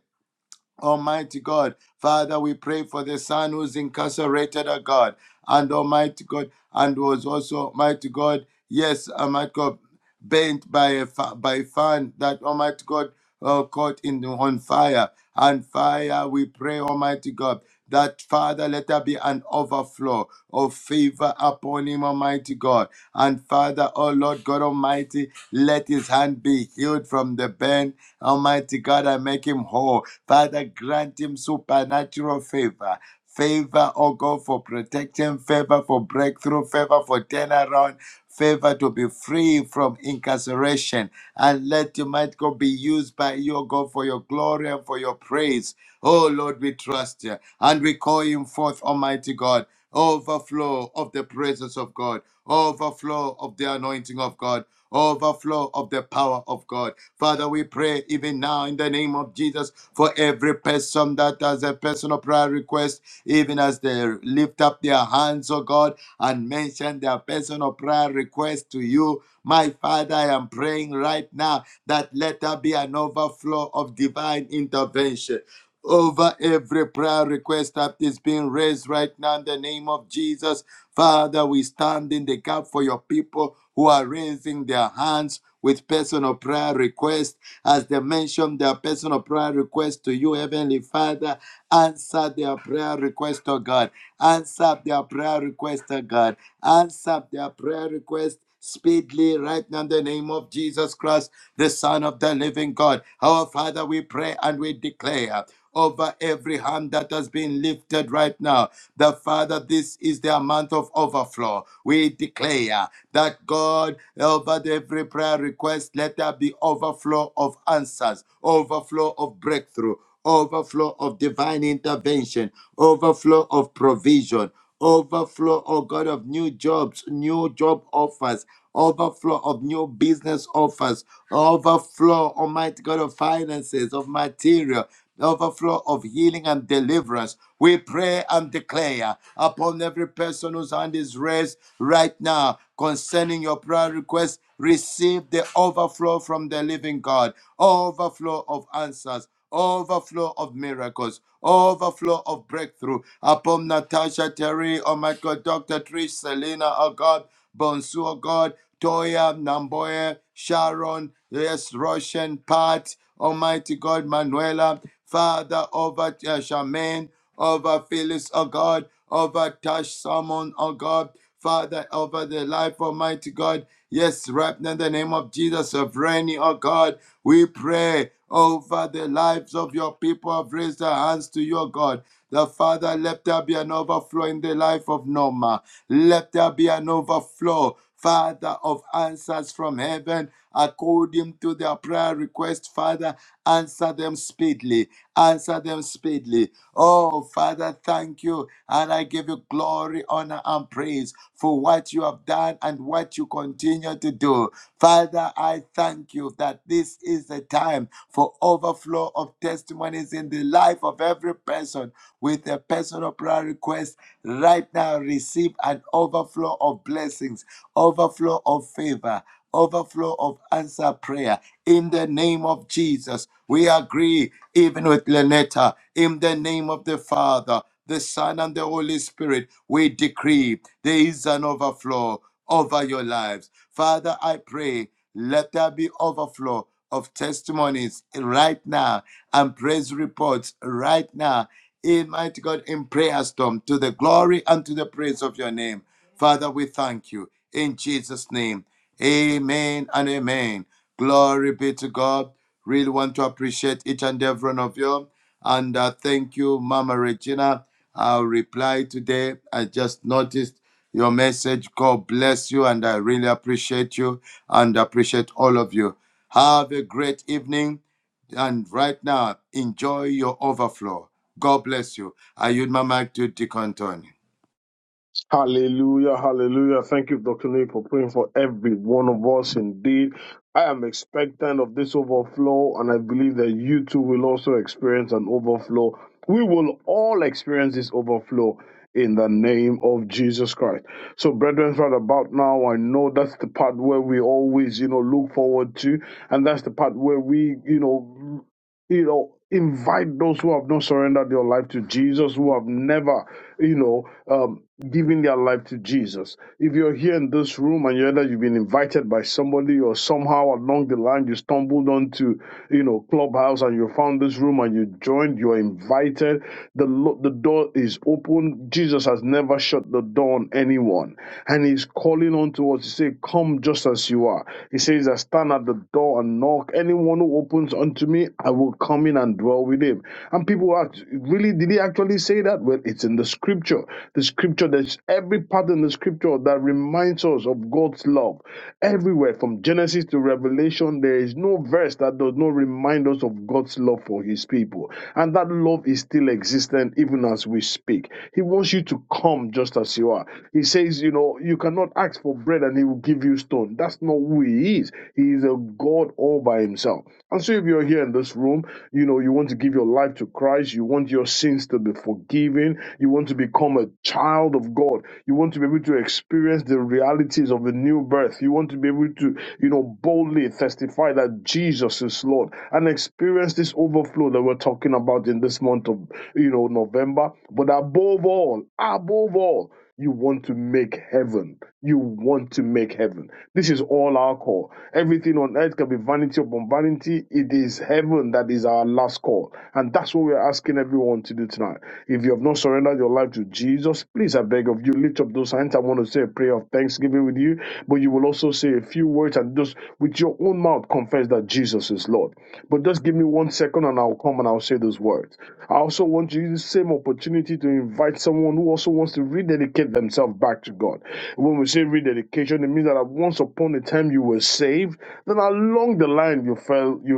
Almighty God, Father, we pray for the son who's incarcerated, oh God, and Almighty God, and was also, Almighty God, yes, Almighty God burnt by a fi- by fan, that Almighty God uh, caught in the, on fire. And fire, we pray, Almighty God, that Father, let there be an overflow of favor upon him, Almighty God. And Father, oh Lord God Almighty, let his hand be healed from the burn, Almighty God, and make him whole. Father, grant him supernatural favor. Favor, oh God, for protection, favor for breakthrough, favor for turnaround, favor to be free from incarceration. And let your might God be used by you, oh God, for your glory and for your praise. Oh Lord, we trust you and we call him forth, Almighty God. Overflow of the presence of God, overflow of the anointing of God overflow of the power of God. Father, we pray even now in the name of Jesus for every person that has a personal prayer request, even as they lift up their hands, oh God, and mention their personal prayer request to you. My Father, I am praying right now that let there be an overflow of divine intervention over every prayer request that is being raised right now in the name of Jesus. Father, we stand in the gap for your people who are raising their hands with personal prayer requests. As they mention their personal prayer requests to you, Heavenly Father, answer their prayer request, oh God. Answer their prayer request, oh God. Answer their prayer request speedily right now in the name of Jesus Christ, the Son of the living God. Our Father, we pray and we declare over every hand that has been lifted right now. The Father, this is their month of overflow. We declare that God, over every prayer request, let there be overflow of answers, overflow of breakthrough, overflow of divine intervention, overflow of provision. Overflow, oh God, of new jobs, new job offers, overflow of new business offers, overflow, Almighty God, of finances, of material, overflow of healing and deliverance. We pray and declare upon every person whose hand is raised right now concerning your prayer request. Receive the overflow from the living God, overflow of answers overflow of miracles, overflow of breakthrough upon Natasha Terry, oh my God, Dr. Trish, Selena, oh God, Bonsu, oh God, Toya, Namboya, Sharon, yes, Roshan, Pat, Almighty God, Manuela, Father, over uh, Charmaine, over Phyllis, oh God, over Tash Salmon, oh God, Father, over the life, Almighty God. Yes, right now in the name of Jesus of reigning, oh God, we pray over the lives of your people who have raised their hands to your God. The Father, let there be an overflow in the life of Norma. Let there be an overflow, Father, of answers from heaven according to their prayer request, Father. Answer them speedily. Answer them speedily. Oh, Father, thank you. And I give you glory, honor, and praise for what you have done and what you continue to do. Father, I thank you that this is the time for overflow of testimonies in the life of every person with a personal prayer request. Right now, receive an overflow of blessings, overflow of favor, overflow of answer prayer in the name of Jesus. We agree, even with Lenetta, in the name of the Father, the Son, and the Holy Spirit, we decree there is an overflow over your lives. Father, I pray, let there be overflow of testimonies right now and praise reports right now. In mighty God, in prayer storm, to the glory and to the praise of your name. Father, we thank you. In Jesus' name, amen and amen. Glory be to God. Really want to appreciate each and every one of you. And uh, thank you, Mama Regina. I'll reply today. I just noticed your message. God bless you, and I really appreciate you and appreciate all of you. Have a great evening. And right now, enjoy your overflow. God bless you. I yield my mic to Deacon Tony.
Hallelujah, hallelujah. Thank you, Dr. Nick, for praying for every one of us indeed. I am expectant of this overflow, and I believe that you too will also experience an overflow. We will all experience this overflow in the name of Jesus Christ. So, brethren, right about now, I know that's the part where we always, you know, look forward to, and that's the part where we, you know, you know invite those who have not surrendered their life to jesus who have never you know um, given their life to jesus if you're in this room and you're that you've been invited by somebody or somehow along the line you stumbled onto you know clubhouse and you found this room and you joined you're invited the lo- the door is open and he all unto me i will come in and dwell with him and people ask really did he actually say that well it's in the scripture the scripture there's everything reminds us of God's love. First, that does not remind us of God's love for His people. And that love is still existent even as we speak. He wants you to come just as you are. He says, you know, you cannot ask for bread and He will give you stone. That's not who He is. He is a God all by Himself. And so, if you're here in this room, you know, you want to give your life to Christ, you want your sins to be forgiven, you want to become a child of God, you want to be able to experience the realities of a new birth, you want to be able to you know, boldly testify that Jesus is Lord and experience this overflow that we're talking about in this month of, you know, November. But above all, above all, you want to make heaven. You want to make heaven. This is all our call Everything on earth can be vanity upon vanity. It is heaven that is our last call. And that's what we're asking everyone to do tonight. If you have not surrendered your life to Jesus, please, I beg of you, lift up those hands. I want to say a prayer of thanksgiving with you, but you will also say a few words and just open mouth first that Jesus is. But the second, and I'll come and I'll say those words. I also want to use the same opportunity to invite someone who also wants to rededicate themselves back to God. When we say rededication, it means that at once upon a time you were saved, then along the line you fell, you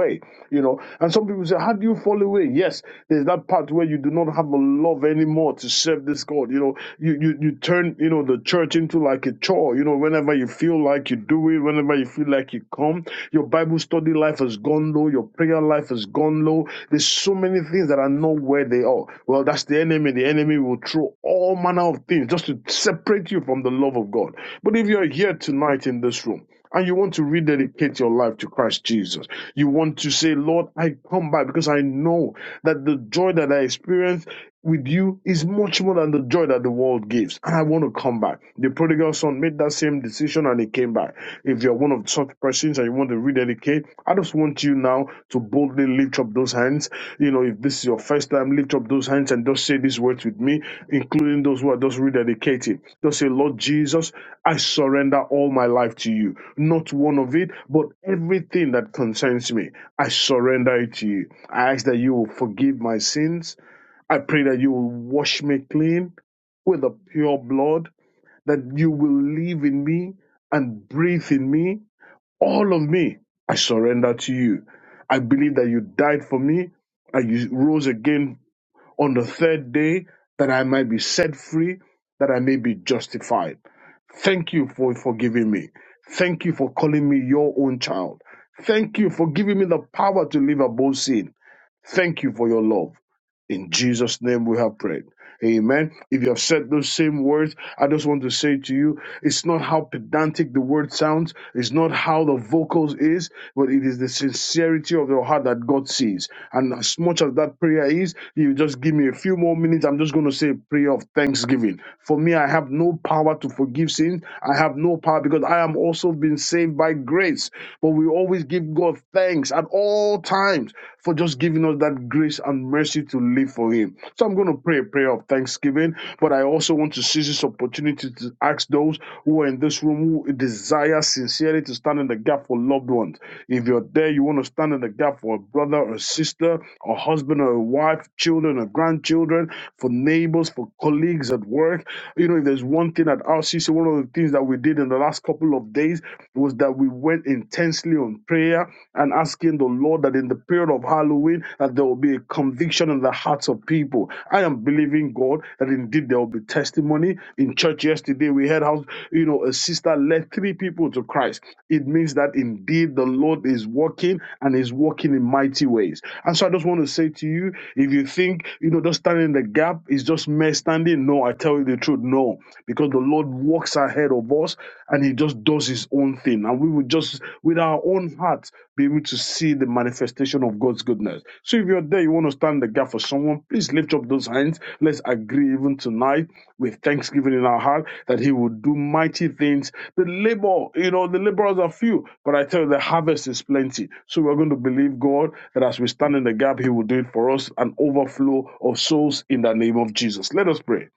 away, you know. And some people say, How do you fall away? Yes, there's that part where you do not have a love anymore to serve this God. You know, you you, you turn, you know, the church into like a chore, you know, whenever you feel like you do it, whenever you feel like you come, your Bible study life has gone low, your prayer life has gone low. There's so many things that are not where they are. Well, that's the enemy. The enemy will throw all manner of things just to separate you from the love of God. But if you're here tonight in this room, and you want to rededicate your life to Christ Jesus. You want to say, Lord, I come back because I know that the joy that I experienced with you is much more than the joy that the world gives. And I want to come back. The prodigal son made that same decision and he came back. If you're one of such persons and you want to rededicate, I just want you now to boldly lift up those hands. You know, if this is your first time, lift up those hands and just say these words with me, including those who are just rededicating. Just say, Lord Jesus, I surrender all my life to you. Not one of it, but everything that concerns me, I surrender it to you. I ask that you will forgive my sins I pray that you will wash me clean with the pure blood, that you will live in me and breathe in me. All of me, I surrender to you. I believe that you died for me and you rose again on the third day that I might be set free, that I may be justified. Thank you for forgiving me. Thank you for calling me your own child. Thank you for giving me the power to live above sin. Thank you for your love. In Jesus' name we have prayed. Amen. If you have said those same words, I just want to say to you, it's not how pedantic the word sounds, it's not how the vocals is, but it is the sincerity of your heart that God sees. And as much as that prayer is, you just give me a few more minutes. I'm just going to say a prayer of thanksgiving. For me, I have no power to forgive sin. I have no power because I am also been saved by grace. But we always give give God thanks at all times for just giving us that grace and mercy to live for Him. So I'm going to pray a prayer of thanksgiving, but I also want to seize this opportunity to ask those who are in this room who desire sincerely to stand in the gap for loved ones. If you're there, you want to stand in the gap for a brother or a sister, a husband or a wife, children or grandchildren, for neighbors, for colleagues at work. You know, if there's one thing at RCC, one of the things that we did in the last couple of days was that we went intensely on prayer and asking the Lord that in the period of Halloween that there will be a conviction in the hearts of people. I am believing God that indeed there will be testimony. In church yesterday, we heard how you know a sister led three people to Christ. It means that indeed the Lord is working and is working in mighty ways. And so I just want to say to you, if you think you know just standing in the gap is just mere standing, no, I tell tell you the truth, no, because the Lord walks ahead of us and He just does His own thing. And we will just, with our own hearts, be able to see the manifestation of God's goodness. So if you're there, you want to stand the gap for someone, please lift up those hands. Let's agree even tonight with thanksgiving in our heart that He will do mighty things. The labor, you know, the laborers are few, but I tell you, the harvest is plenty. So we're going to believe God that as we stand in the gap, He will do it for us an overflow of souls in the name of Jesus. Let us pray.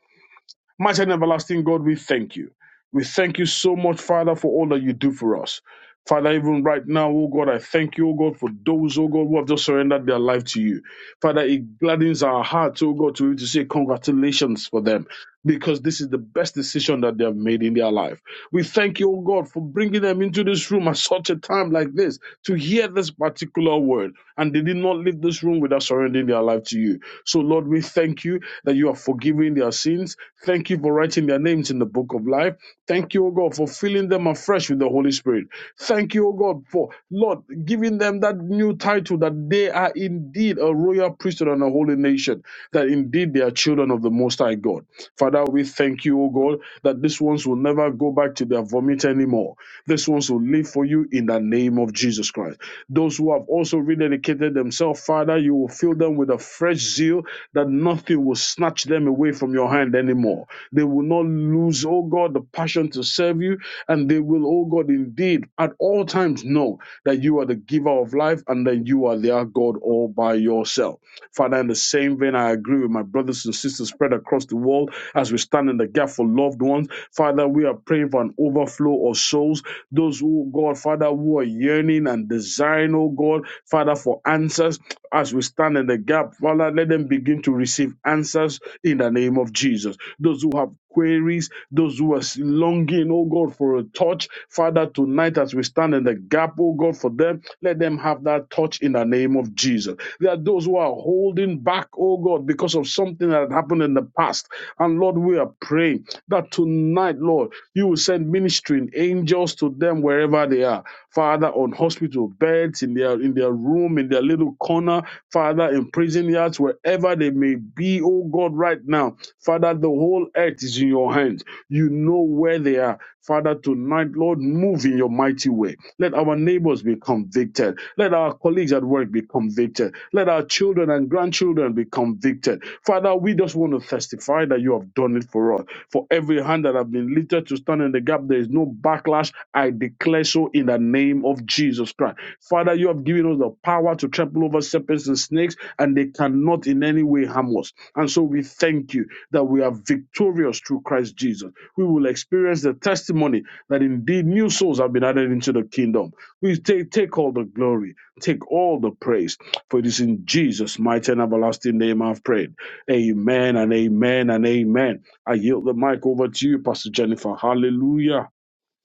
Mighty and everlasting God, we thank you. We thank you so much, Father, for all that you do for us. Father, even right now, oh God, I thank you, oh God, for those, oh God, who have just surrendered their life to you. Father, it gladdens our hearts, oh God, to be able to say congratulations for them because this is the best decision that they have made in their life. We thank you, O God, for bringing them into this room at such a time like this to hear this particular word. And they did not leave this room without surrendering their life to you. So, Lord, we thank you that you are forgiving their sins. Thank you for writing their names in the book of life. Thank you, O God, for filling them afresh with the Holy Spirit. Thank you, O God, for, Lord, giving them that new title that they are indeed a royal priesthood and a holy nation, that indeed they are children of the Most High God. Father, we thank you, O God, that these ones will never go back to their vomit anymore. These ones will live for you in the name of Jesus Christ. Those who have also rededicated themselves, Father, you will fill them with a fresh zeal that nothing will snatch them away from your hand anymore. They will not lose, oh God, the passion to serve you, and they will, oh God, indeed at all times know that you are the giver of life and that you are their God all by yourself. Father, in the same vein, I agree with my brothers and sisters spread across the world as we stand in the gap for loved ones. Father, we are praying for an overflow of souls. Those who, God, Father, who are yearning and desiring, oh God, Father, for answers as we stand in the gap. Father, let them begin to receive answers in the name of Jesus. Those who have queries, those who are longing, oh God, for a touch. Father, tonight as we stand in the gap, oh God, for them, let them have that touch in the name of Jesus. There are those who are holding back, oh God, because of something that happened in the past. And Lord, we are praying that tonight, Lord, you will send ministering angels to them wherever they are. Father, on hospital beds, in their in their room, in their little corner, Father, in prison yards, wherever they may be, oh God, right now. Father, the whole earth is in your hands. You know where they are. Father, tonight, Lord, move in your mighty way. Let our neighbors be convicted. Let our colleagues at work be convicted. Let our children and grandchildren be convicted. Father, we just want just want to testify that you have done it for us. For every hand that have been lifted to stand in the gap, there is no backlash. I declare so in the name of Jesus Christ. Father, you have given us the power to trample over serpents and snakes, and they cannot in any way harm us. And so we thank you that we are victorious through Christ Jesus. We will experience the testimony that indeed new souls have been added into the kingdom. We take, take all the glory, take all the praise, for it is in Jesus' mighty and everlasting name I've prayed. Amen and amen and amen. I yield the mic over to you, Pastor Jennifer. Hallelujah.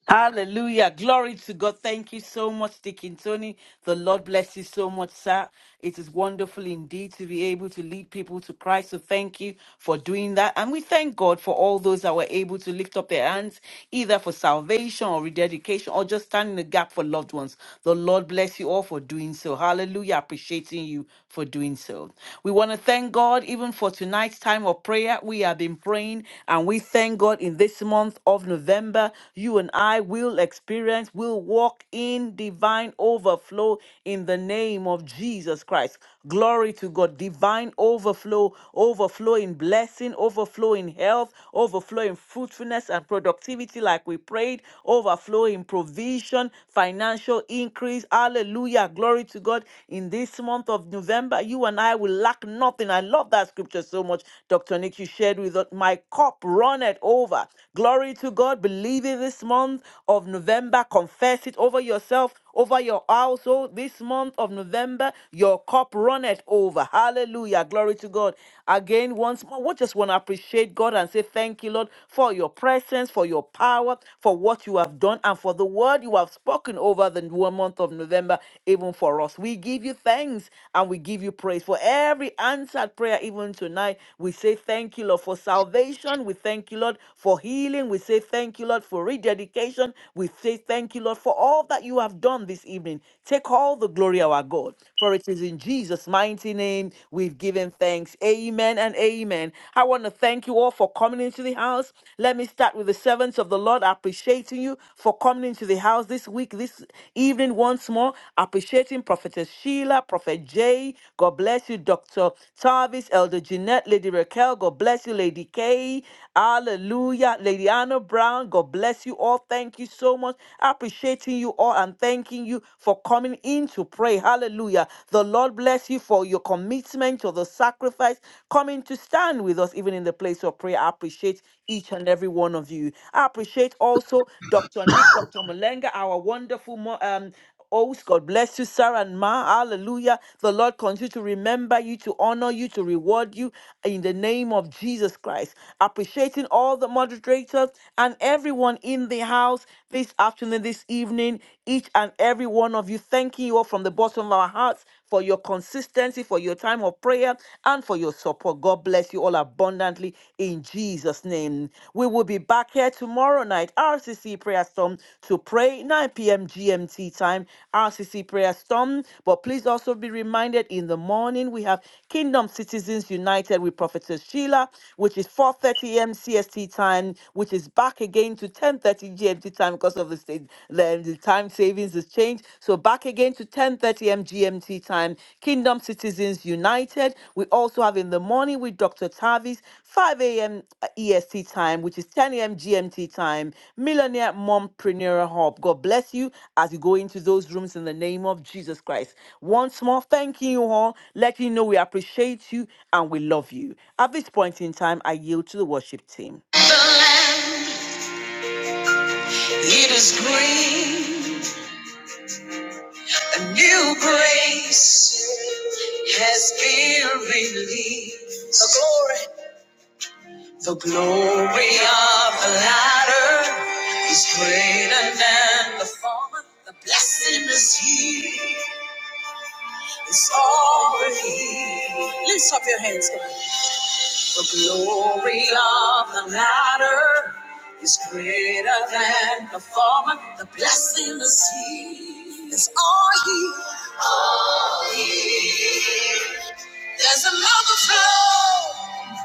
Hallelujah. Glory to God. Thank you so much, Deacon Tony. The Lord bless you so much, sir. It is wonderful indeed to be able to lead people to Christ. So thank you for doing that. And we thank God for all those that were able to lift up their hands, either for salvation or rededication or just standing the gap for loved ones. The Lord bless you all for doing so. Hallelujah. Appreciating you for doing so. We want to thank God even for tonight's time of prayer. We have been praying and we thank God in this month of November. You you and I will experience, will walk in divine overflow in the name of Jesus Christ. Glory to God. Divine overflow, overflow in blessing, overflow in health, overflow in fruitfulness and productivity, like we prayed, overflow in provision, financial increase. Hallelujah. Glory to God. In this month of November, you and I will lack nothing. I love that scripture so much. Dr. Nick, you shared with us, my cup runneth over. Glory to God. Believe believing this month of November, confess it over yourself, over your household. This month of November, your cup runneth over. Hallelujah. Glory to God. Again, once more, we just want to appreciate God and say thank you, Lord, for your presence, for your power, for what you have done, and for the word you have spoken over the one month of November, even for us. We give you thanks and we give you praise for every answered prayer, even tonight. We say thank you, Lord, for salvation. We thank you, Lord, for healing. We say thank thank you, Lord, for rededication. We say thank you, Lord, for all that you have done this evening. Take all the glory, our God, for it is in Jesus' mighty name we've given thanks. Amen and amen. I want to thank you all for coming into the house. Let me start with the servants of the Lord appreciating you for coming into the house this week, this evening once more. Appreciating Prophetess Sheila, Prophet Jay. God bless you, Dr. Tarvis, Elder Jeanette, Lady Raquel. God bless you, Lady Kay. Hallelujah. Lady Anna Emmanuel Brown. God bless you all. Thank you so much. Appreciating you all and thanking you for coming in to pray. Hallelujah. The Lord bless you for your commitment to the sacrifice, coming to stand with us even in the place of prayer. I appreciate each and every one of you. I appreciate also Dr. Nick, Dr. Malenga, our wonderful mo- um, Oh, God bless you, Sarah and Ma. Hallelujah. The Lord continue to remember you, to honor you, to reward you in the name of Jesus Christ. Appreciating all the moderators and everyone in the house this afternoon, this evening, each and every one of you. Thanking you all from the bottom of our hearts for your consistency, for your time of prayer, and for your support. God bless you all abundantly in Jesus' name. We will be back here tomorrow night, RCC Prayer Storm, to pray 9 p.m. GMT time, RCC Prayer Storm. But please also be reminded in the morning we have Kingdom Citizens United with Prophetess Sheila, which is 4:30 a.m. CST time, which is back again to 10:30 GMT time because of the state then the time savings has changed. So back again to 10:30 a.m. GMT time. Kingdom Citizens United. We also have in the morning with Dr. Tavis, 5 a.m. EST time, which is 10 a.m. GMT time. Millionaire Mompreneur Hub. God bless you as you go into those rooms in the name of Jesus Christ. Once more, thanking you all, letting you know we appreciate you and we love you. At this point in time, I yield to the worship team.
The land, it is green. A new grace has been released. The glory The glory of the latter is greater than the former. The blessing is here. It's already. Lift up your hands. come on. The glory of the latter is greater than the former. The blessing is here. It's all here. All here. There's an overflow,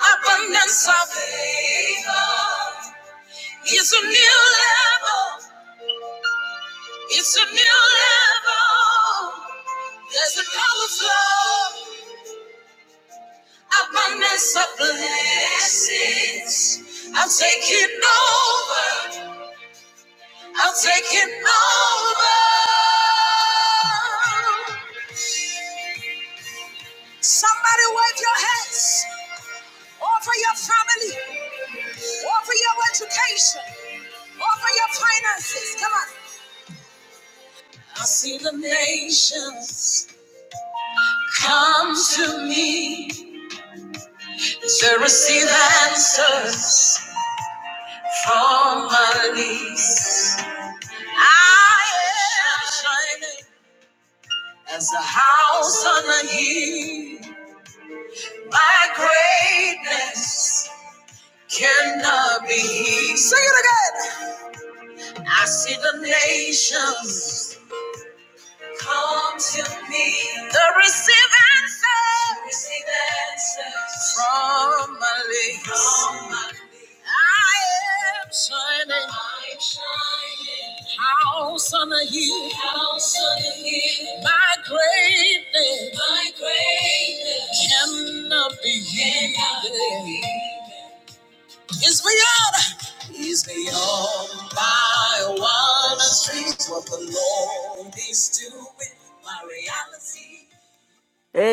abundance of favor. It's a new level. It's a new level. There's an overflow, abundance of blessings. I'm taking over. I'm taking over. Somebody wave your hands. Offer your family. Offer your education. Offer your finances. Come on. I see the nations come to me. to receive answers from my knees. I am shining as a house on a hill. My greatness cannot be hid. Sing it again. I see the nations. Come to me. The receive answers. Receive answers. From my lips. From my lips. I am shining. I'm shining. House on a hill. House on a hill. My greatness. My greatness. Cannot be hidden is beyond. He's
Yes.
beyond my wildest dreams. What the Lord is doing, my reality.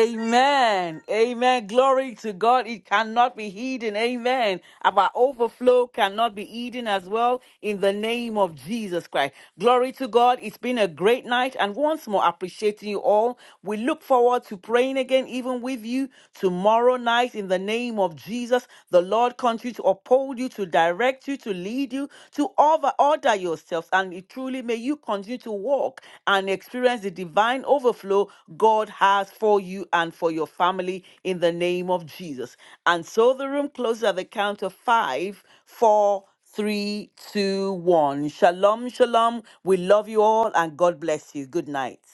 Say it's my reality.
Amen. Glory to God. It cannot be hidden. Amen. Our overflow cannot be hidden as well in the name of Jesus Christ. Glory to God. It's been a great night. And once more, appreciating you all. We look forward to praying again, even with you tomorrow night in the name of Jesus. The Lord continue to uphold you, to direct direct you, to lead you, to over order yourselves. And it truly may you continue to walk and experience the divine overflow God has for you and for your family in the name of Jesus. And so the room closes at the count of five, four, three, two, one. Shalom, shalom. We love you all and God bless you. Good night.